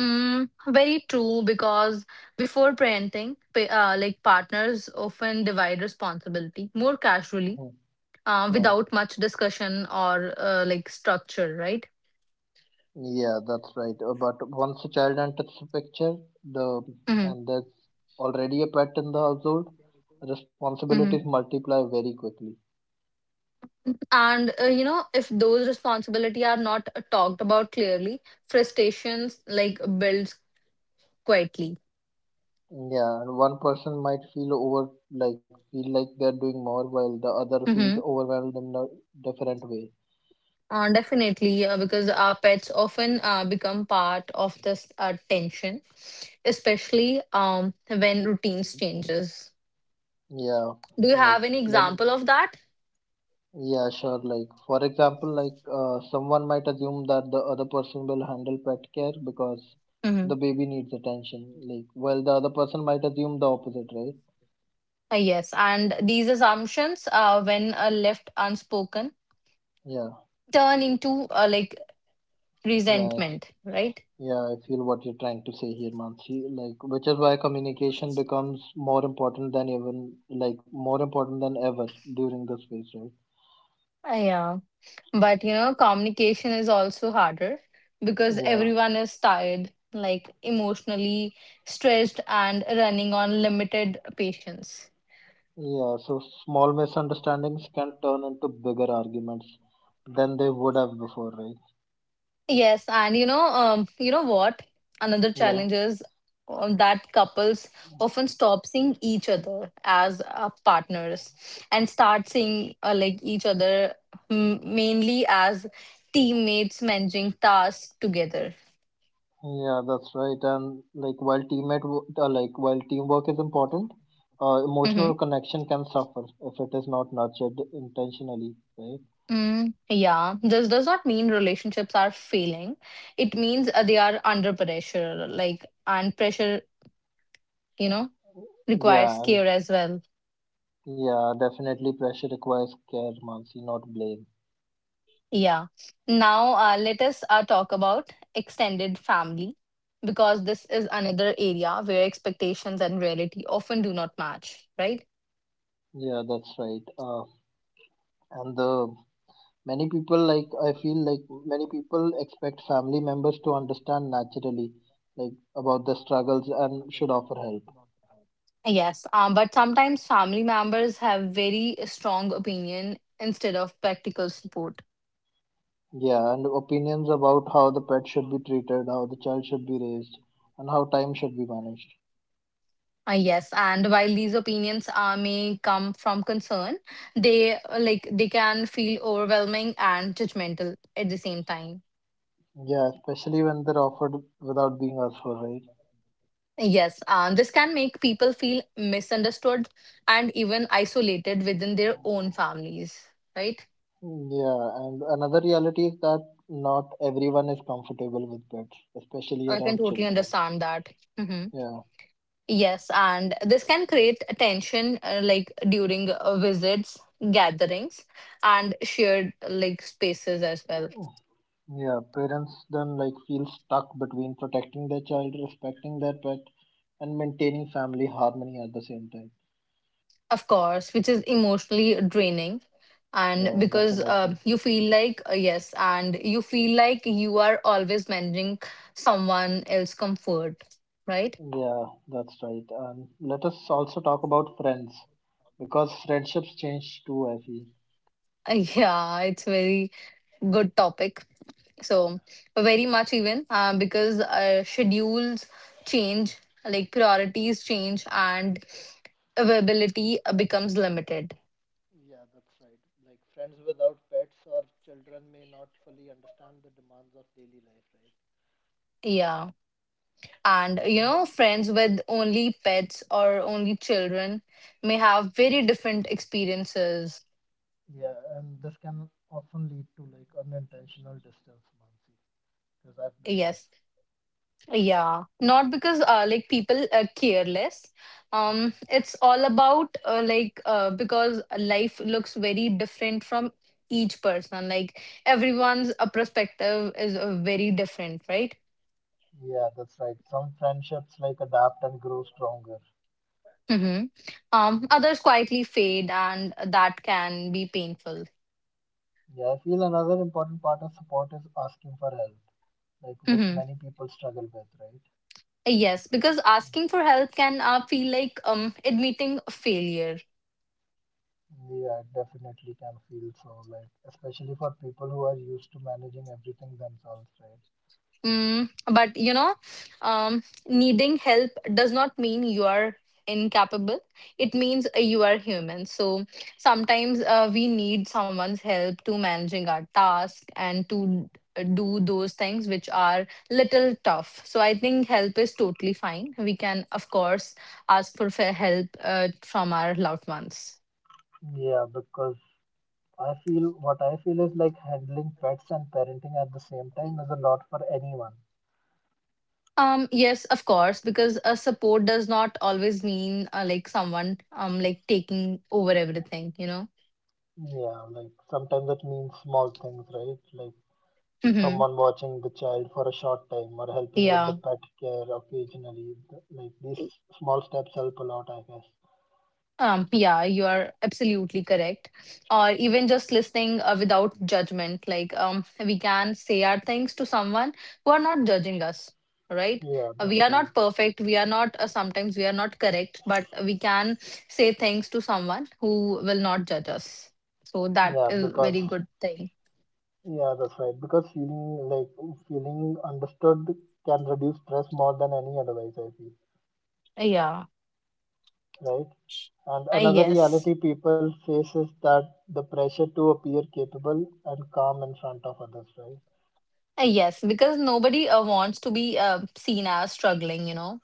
S2: Mm, very true, because before parenting, pa- uh, like partners often divide responsibility more casually,
S1: Mhm.
S2: uh,
S1: Yeah,
S2: without much discussion or uh, like structure, right?
S1: yeah, that's right. Uh, but once a child enters the picture, the
S2: hmm
S1: and there's already a pet in the household, responsibilities
S2: hmm
S1: multiply very quickly.
S2: And uh, you know, if those responsibility are not uh, talked about clearly, frustrations like builds quietly.
S1: Yeah, and one person might feel over like feel like they're doing more, while the other feels
S2: hmm
S1: overwhelmed in a different way.
S2: Uh, definitely, uh, because our pets often uh, become part of this uh, tension, especially um, when routines changes.
S1: Yeah,
S2: Do you
S1: like
S2: have any
S1: let
S2: example of that?
S1: yeah, sure. Like, for example, like uh, someone might assume that the other person will handle pet care because
S2: hmm
S1: the baby needs attention. Like, well, the other person might assume the opposite, right?
S2: Uh, yes, and these assumptions, uh, when uh, left unspoken,
S1: Yeah,
S2: turn into uh, like
S1: yeah, I-
S2: resentment, right?
S1: yeah. I feel what you're trying to say here, Mansi. Like, which is why communication becomes more important than even like more important than ever during this phase, right?
S2: Uh, yeah, but you know, communication is also harder because
S1: Yeah,
S2: everyone is tired, like emotionally stressed, and running on limited patience.
S1: yeah. So small misunderstandings can turn into bigger arguments than they would have before, right?
S2: Yes, and you know, um, you know what? Another
S1: Yeah.
S2: challenge is um, that couples often stop seeing each other as uh, partners and start seeing uh, like each other mm, mainly as teammates managing tasks together.
S1: Yeah, that's right. And like, while teammate, wo- uh, like while teamwork is important, uh, emotional
S2: Mm-hmm.
S1: connection can suffer if it is not nurtured intentionally, right?
S2: Mm, yeah, this does not mean relationships are failing. It means uh, they are under pressure, like, and pressure, you know, requires
S1: Yeah, and
S2: care as well.
S1: yeah, definitely pressure requires care, Mansi, not blame.
S2: Yeah. Now, uh, let us uh, talk about extended family because this is another area where expectations and reality often do not match, right?
S1: Yeah, that's right. Uh, and the many people like I feel like many people expect family members to understand naturally, like about their struggles and should offer help.
S2: Yes. Um, but sometimes family members have very strong opinion instead of practical support.
S1: Yeah, and opinions about how the pet should be treated, how the child should be raised, and how time should be managed.
S2: Uh, yes, and while these opinions uh, may come from concern, they uh, like they can feel overwhelming and judgmental at the same time.
S1: Yeah, especially when they're offered without being asked for, right?
S2: Yes, um, this can make people feel misunderstood and even isolated within their own families, right?
S1: Yeah, and another reality is that not everyone is comfortable with pets, especially
S2: I can
S1: around
S2: totally
S1: children.
S2: understand that. hmm
S1: Yeah,
S2: Yes, and this can create tension uh, like during uh, visits, gatherings, and shared like spaces as well.
S1: yeah, parents then like feel stuck between protecting their child, respecting their pet, and maintaining family harmony at the same time.
S2: Of course, which is emotionally draining. And
S1: Yeah,
S2: because uh,
S1: definitely.
S2: you feel like, uh, yes, and you feel like you are always managing someone else's comfort, right?
S1: Yeah, that's right. And let us also talk about friends because friendships change too, I feel.
S2: Yeah, it's very good topic. So
S1: Yeah,
S2: very much even uh, because uh, schedules change, like priorities change, and availability uh, becomes limited.
S1: yeah, that's right. Like friends without pets or children may not fully understand the demands of daily life, right?
S2: Yeah, and you
S1: Yeah,
S2: know, friends with only pets or only children may have very different experiences.
S1: yeah, and this can often lead to like unintentional distance, Mansi, because I've been there.
S2: Yes. Yeah, not because uh, like people are careless.
S1: Yeah.
S2: Um, it's all about uh, like uh, because life looks very different from each person. Like everyone's uh, perspective is uh, very different, right?
S1: Yeah, that's right. Some friendships like adapt and grow stronger.
S2: Mm-hmm. Um, others
S1: Yeah,
S2: quietly fade, and that can be painful.
S1: yeah. I feel another important part of support is asking for help, like which
S2: Mm-hmm.
S1: many people struggle with, right?
S2: Yes, because asking for help can uh, feel like um admitting failure.
S1: Yeah, I definitely can feel so, like especially for people who are used to managing everything themselves, right?
S2: Mm, but you know, um, needing help does not mean you are incapable. It means uh, you are human. So sometimes uh, we need someone's help to managing our task and to uh, do those things which are little tough. So I think help is totally fine. We can, of course, ask for fair help uh, from our loved ones.
S1: Yeah, because I feel what I feel is like handling pets and parenting at the same time is a lot for anyone.
S2: Um, yes, of course, because uh, support does not always mean uh, like someone um like taking over everything, you know.
S1: Yeah, like sometimes it means small things, right? Like
S2: Mm-hmm.
S1: someone watching the child for a short time or helping with the
S2: Yeah.
S1: pet care occasionally. Th- Like these small steps help a lot, I guess.
S2: Um, yeah, you are absolutely correct. Or even just listening uh, without judgment. Like um, we can say our things to someone who are not judging us, right?
S1: Yeah,
S2: Uh,
S1: that's
S2: We are
S1: right.
S2: not perfect. We are not, uh, sometimes we are not correct, but we can say things to someone who will not judge us. So that
S1: Yeah,
S2: is
S1: because
S2: very good thing.
S1: Yeah, that's right. Because feeling like feeling understood can reduce stress more than any advice, I feel,
S2: Yeah.
S1: right? And
S2: Uh,
S1: another
S2: yes.
S1: reality people face is that the pressure to appear capable and calm in front of others, right?
S2: Uh, yes. Because nobody uh, wants to be uh, seen as struggling, you know.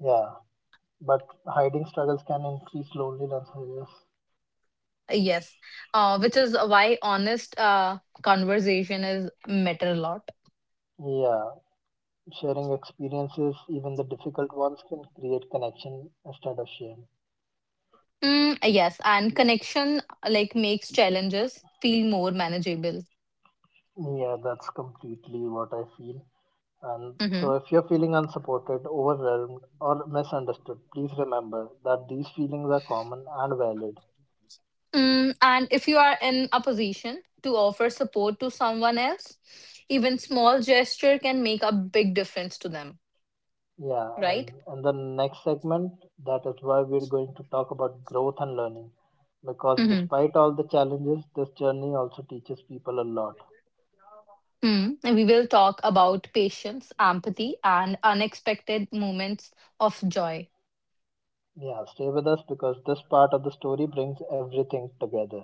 S1: Yeah, but hiding struggles can increase loneliness, I guess.
S2: Yes, uh, which is why honest uh, conversation is matter a lot.
S1: Yeah, sharing experiences, even the difficult ones, can create connection instead of shame.
S2: Mm, yes, and connection like makes challenges feel more manageable.
S1: Yeah, that's completely what I feel. And
S2: Mm-hmm.
S1: so, if you're feeling unsupported, overwhelmed, or misunderstood, please remember that these feelings are common and valid.
S2: Mm, and if you are in a position to offer support to someone else, even small gesture can make a big difference to them,
S1: Yeah,
S2: right?
S1: and in the next segment, that is why we're going to talk about growth and learning. Because
S2: Mm-hmm.
S1: despite all the challenges, this journey also teaches people a lot.
S2: Mm. And we will talk about patience, empathy, and unexpected moments of joy.
S1: Yeah, stay with us because this part of the story brings everything together.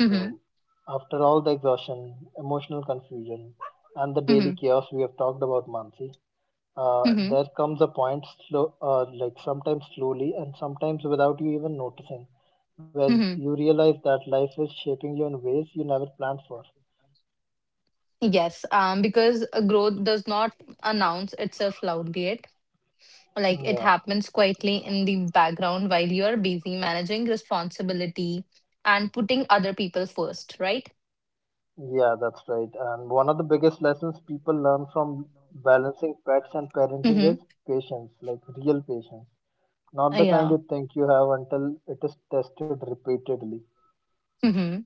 S2: Mm-hmm.
S1: after all the exhaustion, emotional confusion, and the
S2: Mm-hmm.
S1: daily chaos we have talked about, Mansi, uh,
S2: Mm-hmm.
S1: there comes a point slow, uh, like sometimes slowly and sometimes without you even noticing, where you realize that life is shaping you in ways you never planned for.
S2: Yes, um, because a growth does not announce itself loudly yet. Like it
S1: yeah
S2: happens quietly in the background while you are busy managing responsibility and putting other people first, right?
S1: yeah that's right, and one of the biggest lessons people learn from balancing pets and parenting is
S2: Mm-hmm.
S1: patience, like real patience, not the kind
S2: Yeah.
S1: you think you have until it is tested repeatedly.
S2: Mm-hmm.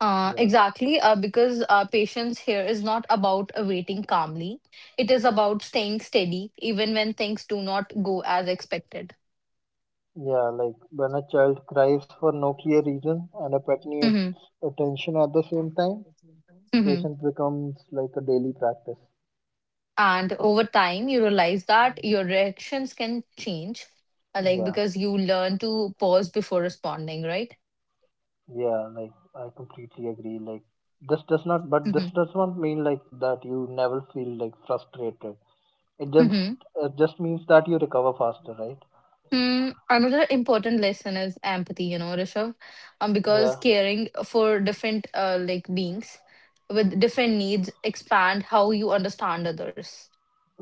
S2: Uh,
S1: yeah
S2: exactly. Uh, because uh, patience here is not about uh, waiting calmly. It is about staying steady even when things do not go as expected.
S1: yeah like when a child cries for no clear reason and a pet needs
S2: Mm-hmm.
S1: attention at the same time,
S2: Mm-hmm.
S1: patience becomes like a daily practice.
S2: And over time you realize that your reactions can change, uh, like
S1: Yeah,
S2: because you learn to pause before responding, right?
S1: yeah, like I completely agree. Like this does not, but this
S2: hmm
S1: does not mean like that you never feel like frustrated. It just
S2: hmm
S1: it just means that you recover faster, right?
S2: Hmm, another important lesson is empathy, you know, Rishabh, um,
S1: Yeah.
S2: because caring for different uh, like beings with different needs expand how you understand others.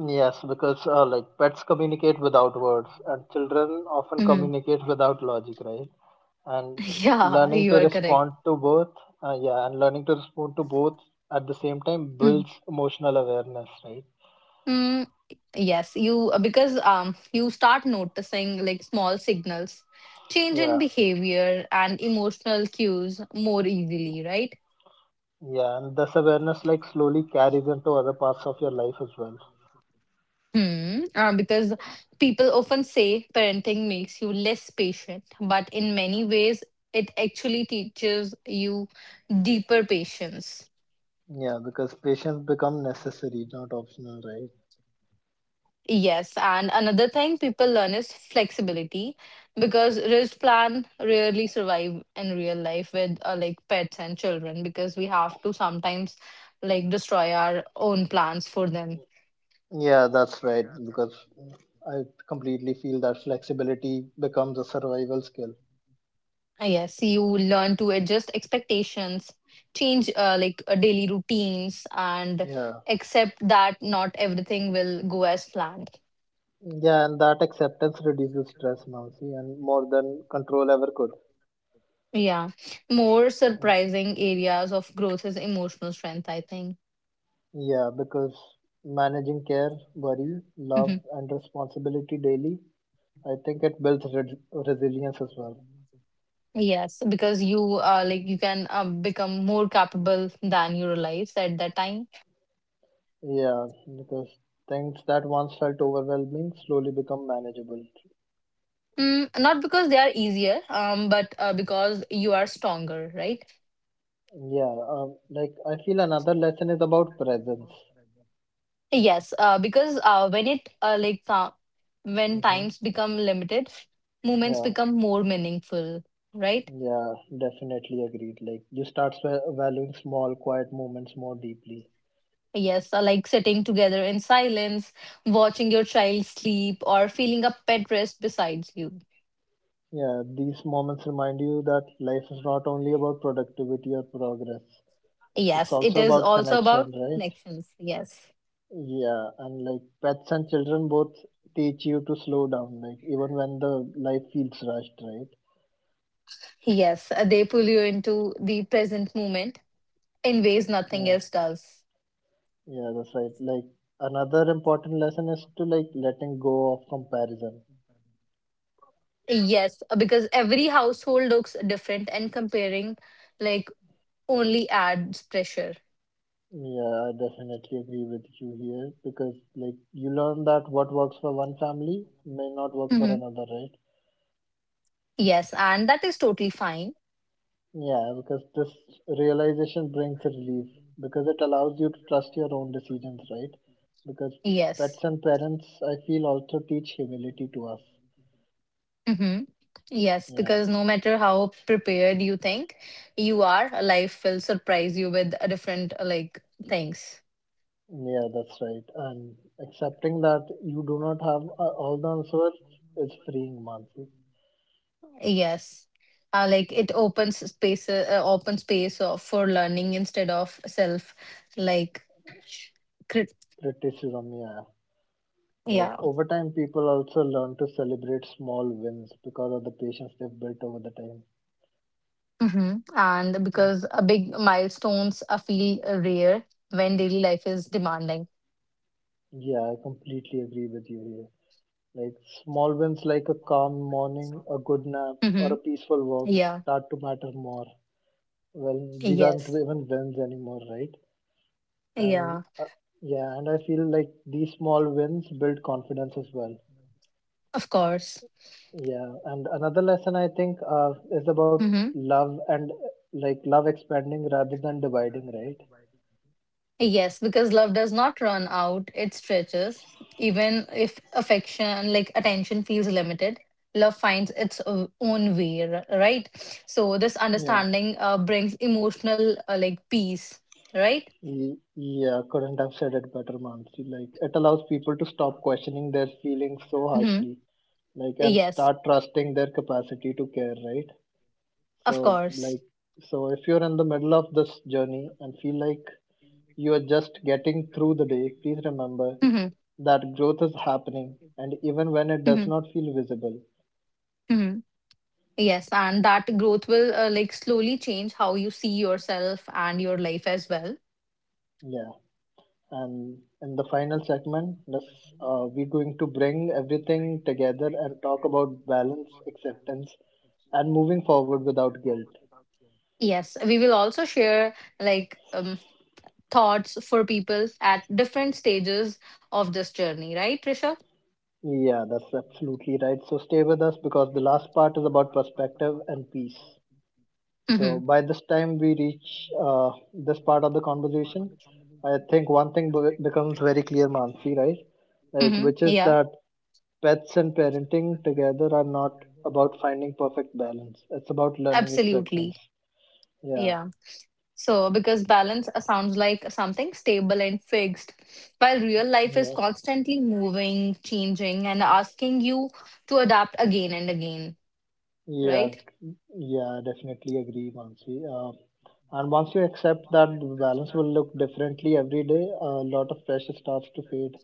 S1: Yes, because uh, like pets communicate without words, and children often
S2: hmm
S1: communicate without logic, right? And
S2: Yeah,
S1: learning to
S2: you are
S1: respond
S2: correct.
S1: to both, uh, yeah, and learning to respond to both at the same time
S2: Hmm.
S1: builds emotional awareness, right?
S2: Mm, yes, you uh, because um you start noticing like small signals, change in
S1: Yeah.
S2: behavior and emotional cues more easily, right?
S1: Yeah, and this awareness like slowly carries into other parts of your life as well.
S2: Hmm. Uh, because people often say parenting makes you less patient, but in many ways it actually teaches you deeper patience.
S1: Yeah, because patience become necessary, not optional, right?
S2: Yes, and another thing people learn is flexibility because wrist plan rarely survive in real life with uh, like pets and children because we have to sometimes like destroy our own plans for them.
S1: Yeah, that's right. Because I completely feel that flexibility becomes a survival skill.
S2: Uh, Yes, you learn to adjust expectations, change uh, like uh, daily routines, and
S1: Yeah.
S2: accept that not everything will go as planned.
S1: Yeah, and that acceptance reduces stress, Mansi, and more than control ever could.
S2: Yeah, more surprising areas of growth is emotional strength, I think.
S1: Yeah, because managing care, worry, love, and responsibility daily, I think it builds re- resilience as well.
S2: Yes, because you uh, like you can um, become more capable than you realize at that time.
S1: Yeah, because things that once felt overwhelming slowly become manageable.
S2: Mm, not because they are easier, um, but uh, because you are stronger, right?
S1: Yeah, um, like I feel another lesson is about presence.
S2: Yes, uh, because uh, when it uh, like uh, when
S1: Hmm.
S2: times become limited, moments
S1: Yeah,
S2: become more meaningful, right?
S1: yeah, definitely agreed. Like you start va- valuing small, quiet moments more deeply.
S2: Yes, uh, like sitting together in silence, watching your child sleep, or feeling a pet rest beside you.
S1: Yeah, these moments remind you that life is not only about productivity or progress. It's
S2: Yes, it
S1: also
S2: is
S1: about
S2: also
S1: connection,
S2: about
S1: right?
S2: connections. Yes.
S1: Yeah, and like pets and children both teach you to slow down, like even when the life feels rushed, right?
S2: Yes, uh, they pull you into the present moment in ways nothing
S1: Yeah.
S2: else does.
S1: Yeah, that's right. Like another important lesson is to like letting go of comparison.
S2: Yes, uh, because every household looks different and comparing like only adds pressure.
S1: Yeah, I definitely agree with you here because like you learn that what works for one family may not work for
S2: hmm
S1: another, right?
S2: Yes, and that is totally fine.
S1: Yeah, because this realization brings relief because it allows you to trust your own decisions, right? Because
S2: Yes.
S1: pets and parents, I feel, also teach humility to us.
S2: hmm Yes,
S1: Yeah.
S2: because no matter how prepared you think you are, life will surprise you with uh, different uh, like things.
S1: Yeah, that's right. And accepting that you do not have uh, all the answers is freeing, Mansi.
S2: Yes. Uh, like it opens space, uh, open space of, for learning instead of self, like, crit-
S1: Criticism, yeah. Like
S2: yeah.
S1: over time, people also learn to celebrate small wins because of the patience they've built over the time.
S2: hmm And
S1: Mm.
S2: because a big milestones are feel uh, rare when daily life is demanding.
S1: Yeah, I completely agree with you here. Like small wins like a calm morning, a good nap, or
S2: hmm
S1: a peaceful walk
S2: Yeah.
S1: start to matter more. Well, these aren't
S2: Yes.
S1: even wins anymore, right? And
S2: Yeah.
S1: uh, yeah, and I feel like these small wins build confidence as well.
S2: Of course.
S1: Yeah, and another lesson I think uh, is about
S2: hmm
S1: love and uh, like love expanding rather than dividing, right?
S2: Yes, because love does not run out, it stretches. Even if affection, like attention, feels limited, love finds its o- own way, r- right? So, this
S1: Yeah,
S2: understanding uh, brings emotional, uh, like, peace, right?
S1: y- yeah, couldn't have said it better, Mansi. Like it allows people to stop questioning their feelings so
S2: hmm
S1: harshly, like and
S2: Yes,
S1: start trusting their capacity to care, right? So
S2: of
S1: like,
S2: course.
S1: so if you're in the middle of this journey and feel like you are just getting through the day, please remember
S2: Mm-hmm.
S1: that growth is happening, and even when it
S2: Mm-hmm.
S1: does not feel visible.
S2: Mm-hmm. Yes, and that growth will, uh, like, slowly change how you see yourself and your life as well.
S1: Yeah. And in the final segment, this, uh, we're going to bring everything together and talk about balance, acceptance, and moving forward without guilt.
S2: Yes, we will also share like um, thoughts for people at different stages of this journey, right, Trisha?
S1: Yeah, that's absolutely right. So stay with us because the last part is about perspective and peace. So
S2: Mm-hmm.
S1: by this time we reach uh, this part of the conversation, I think one thing be- becomes very clear, Mansi, right? Like,
S2: Mm-hmm.
S1: which is
S2: Yeah,
S1: that pets and parenting together are not about finding perfect balance. It's about learning acceptance.
S2: absolutely.
S1: Yeah,
S2: Yeah. So, because balance uh, sounds like something stable and fixed, while real life is
S1: yeah,
S2: constantly moving, changing, and asking you to adapt again and again,
S1: yeah,
S2: right?
S1: yeah, definitely agree, Mansi. Uh, and once you accept that the balance will look differently every day, a lot of pressure starts to fade.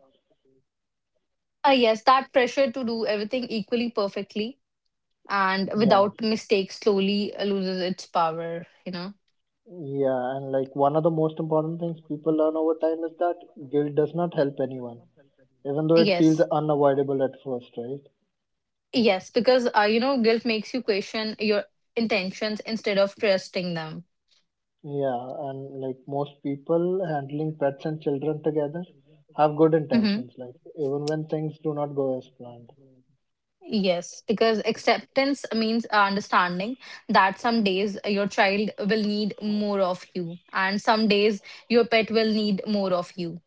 S2: Uh, yes, that pressure to do everything equally perfectly and
S1: Yeah,
S2: without mistakes slowly loses its power, you know?
S1: yeah, and like one of the most important things people learn over time is that guilt does not help anyone, even though it feels
S2: Yes.
S1: unavoidable at first, right?
S2: Yes, because uh, you know, guilt makes you question your intentions instead of trusting them.
S1: Yeah, and like most people handling pets and children together have good
S2: hmm
S1: intentions, like even when things do not go as planned.
S2: Yes, because acceptance means understanding that some days your child will need more of you, and some days your pet will need more of you,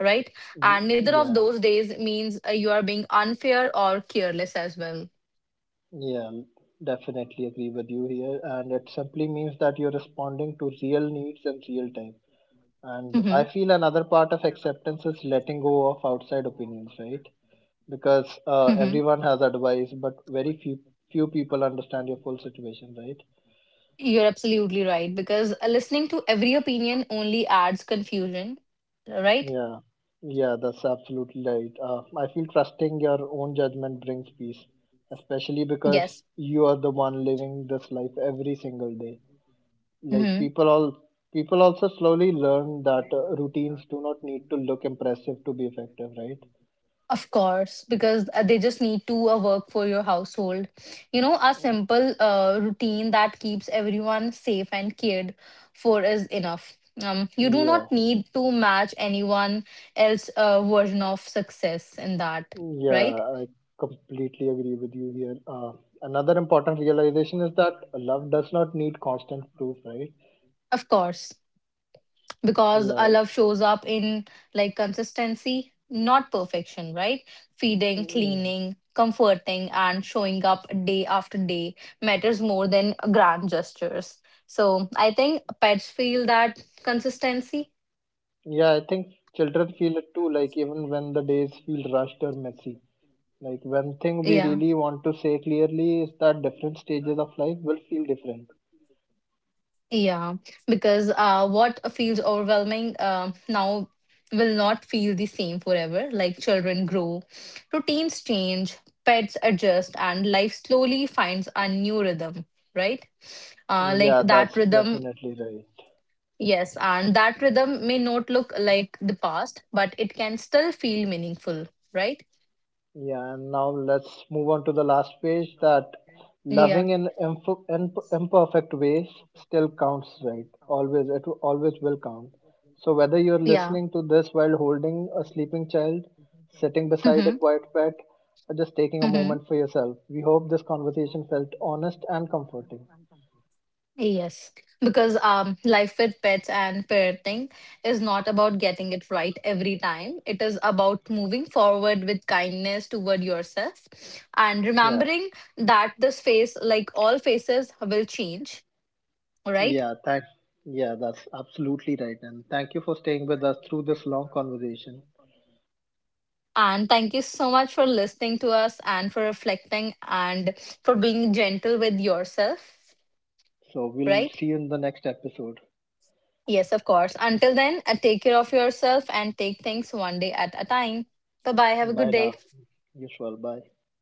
S2: right?
S1: Y-
S2: And neither of
S1: Yeah.
S2: those days means uh, you are being unfair or careless as well.
S1: Yeah, l- definitely agree with you here. And it simply means that you're responding to real needs in real time. And
S2: hmm
S1: I feel another part of acceptance is letting go of outside opinions, right? Because uh,
S2: hmm
S1: everyone has advice, but very few few people understand your full situation, right?
S2: You're absolutely right because uh, listening to every opinion only adds confusion, right?
S1: Yeah, yeah, that's absolutely right. Uh, I feel trusting your own judgment brings peace, especially because
S2: Yes.
S1: you are the one living this life every single day, like
S2: hmm
S1: people all people also slowly learn that uh, routines do not need to look impressive to be effective, right?
S2: Of course, because uh, they just need to uh, work for your household. You know, a simple uh, routine that keeps everyone safe and cared for is enough. Um, you do not
S1: yeah
S2: need to match anyone else' uh, version of success in that,
S1: yeah
S2: right?
S1: I completely agree with you here. Uh, another important realization is that love does not need constant proof, right?
S2: Of course. Because
S1: yeah
S2: our love shows up in like consistency, not perfection, right? Feeding,
S1: yeah
S2: cleaning, comforting, and showing up day after day matters more than grand gestures. So I think pets feel that consistency.
S1: Yeah, I think children feel it too, like even when the days feel rushed or messy. Like one thing we
S2: Yeah.
S1: really want to say clearly is that different stages of life will feel different.
S2: Yeah. Because uh, what feels overwhelming um now will not feel the same forever. Like children grow, routines change, pets adjust, and life slowly finds a new rhythm, right? Uh, like
S1: Yeah,
S2: that
S1: that's
S2: rhythm,
S1: definitely right.
S2: yes, and that rhythm may not look like the past but it can still feel meaningful, right?
S1: Yeah, and now let's move on to the last page, that
S2: Yeah.
S1: loving in imp- imp- imperfect ways still counts, right? Always, it will- always will count. So, whether you're
S2: Yeah.
S1: listening to this while holding a sleeping child, sitting beside a
S2: Mm-hmm.
S1: quiet pet, or just taking a
S2: Mm-hmm.
S1: moment for yourself, we hope this conversation felt honest and comforting.
S2: Yes, because um life with pets and parenting is not about getting it right every time. It is about moving forward with kindness toward yourself and
S1: Yeah,
S2: remembering that this phase, like all phases, will change, right?
S1: yeah, thanks. Yeah, that's absolutely right. And thank you for staying with us through this long conversation.
S2: And thank you so much for listening to us and for reflecting and for being gentle with yourself,
S1: So, we'll
S2: right?
S1: see you in the next episode.
S2: Yes, of course. Until then, uh, take care of yourself and take things one day at a time. Bye bye. Have a good day.
S1: Bye now. Usual. Bye.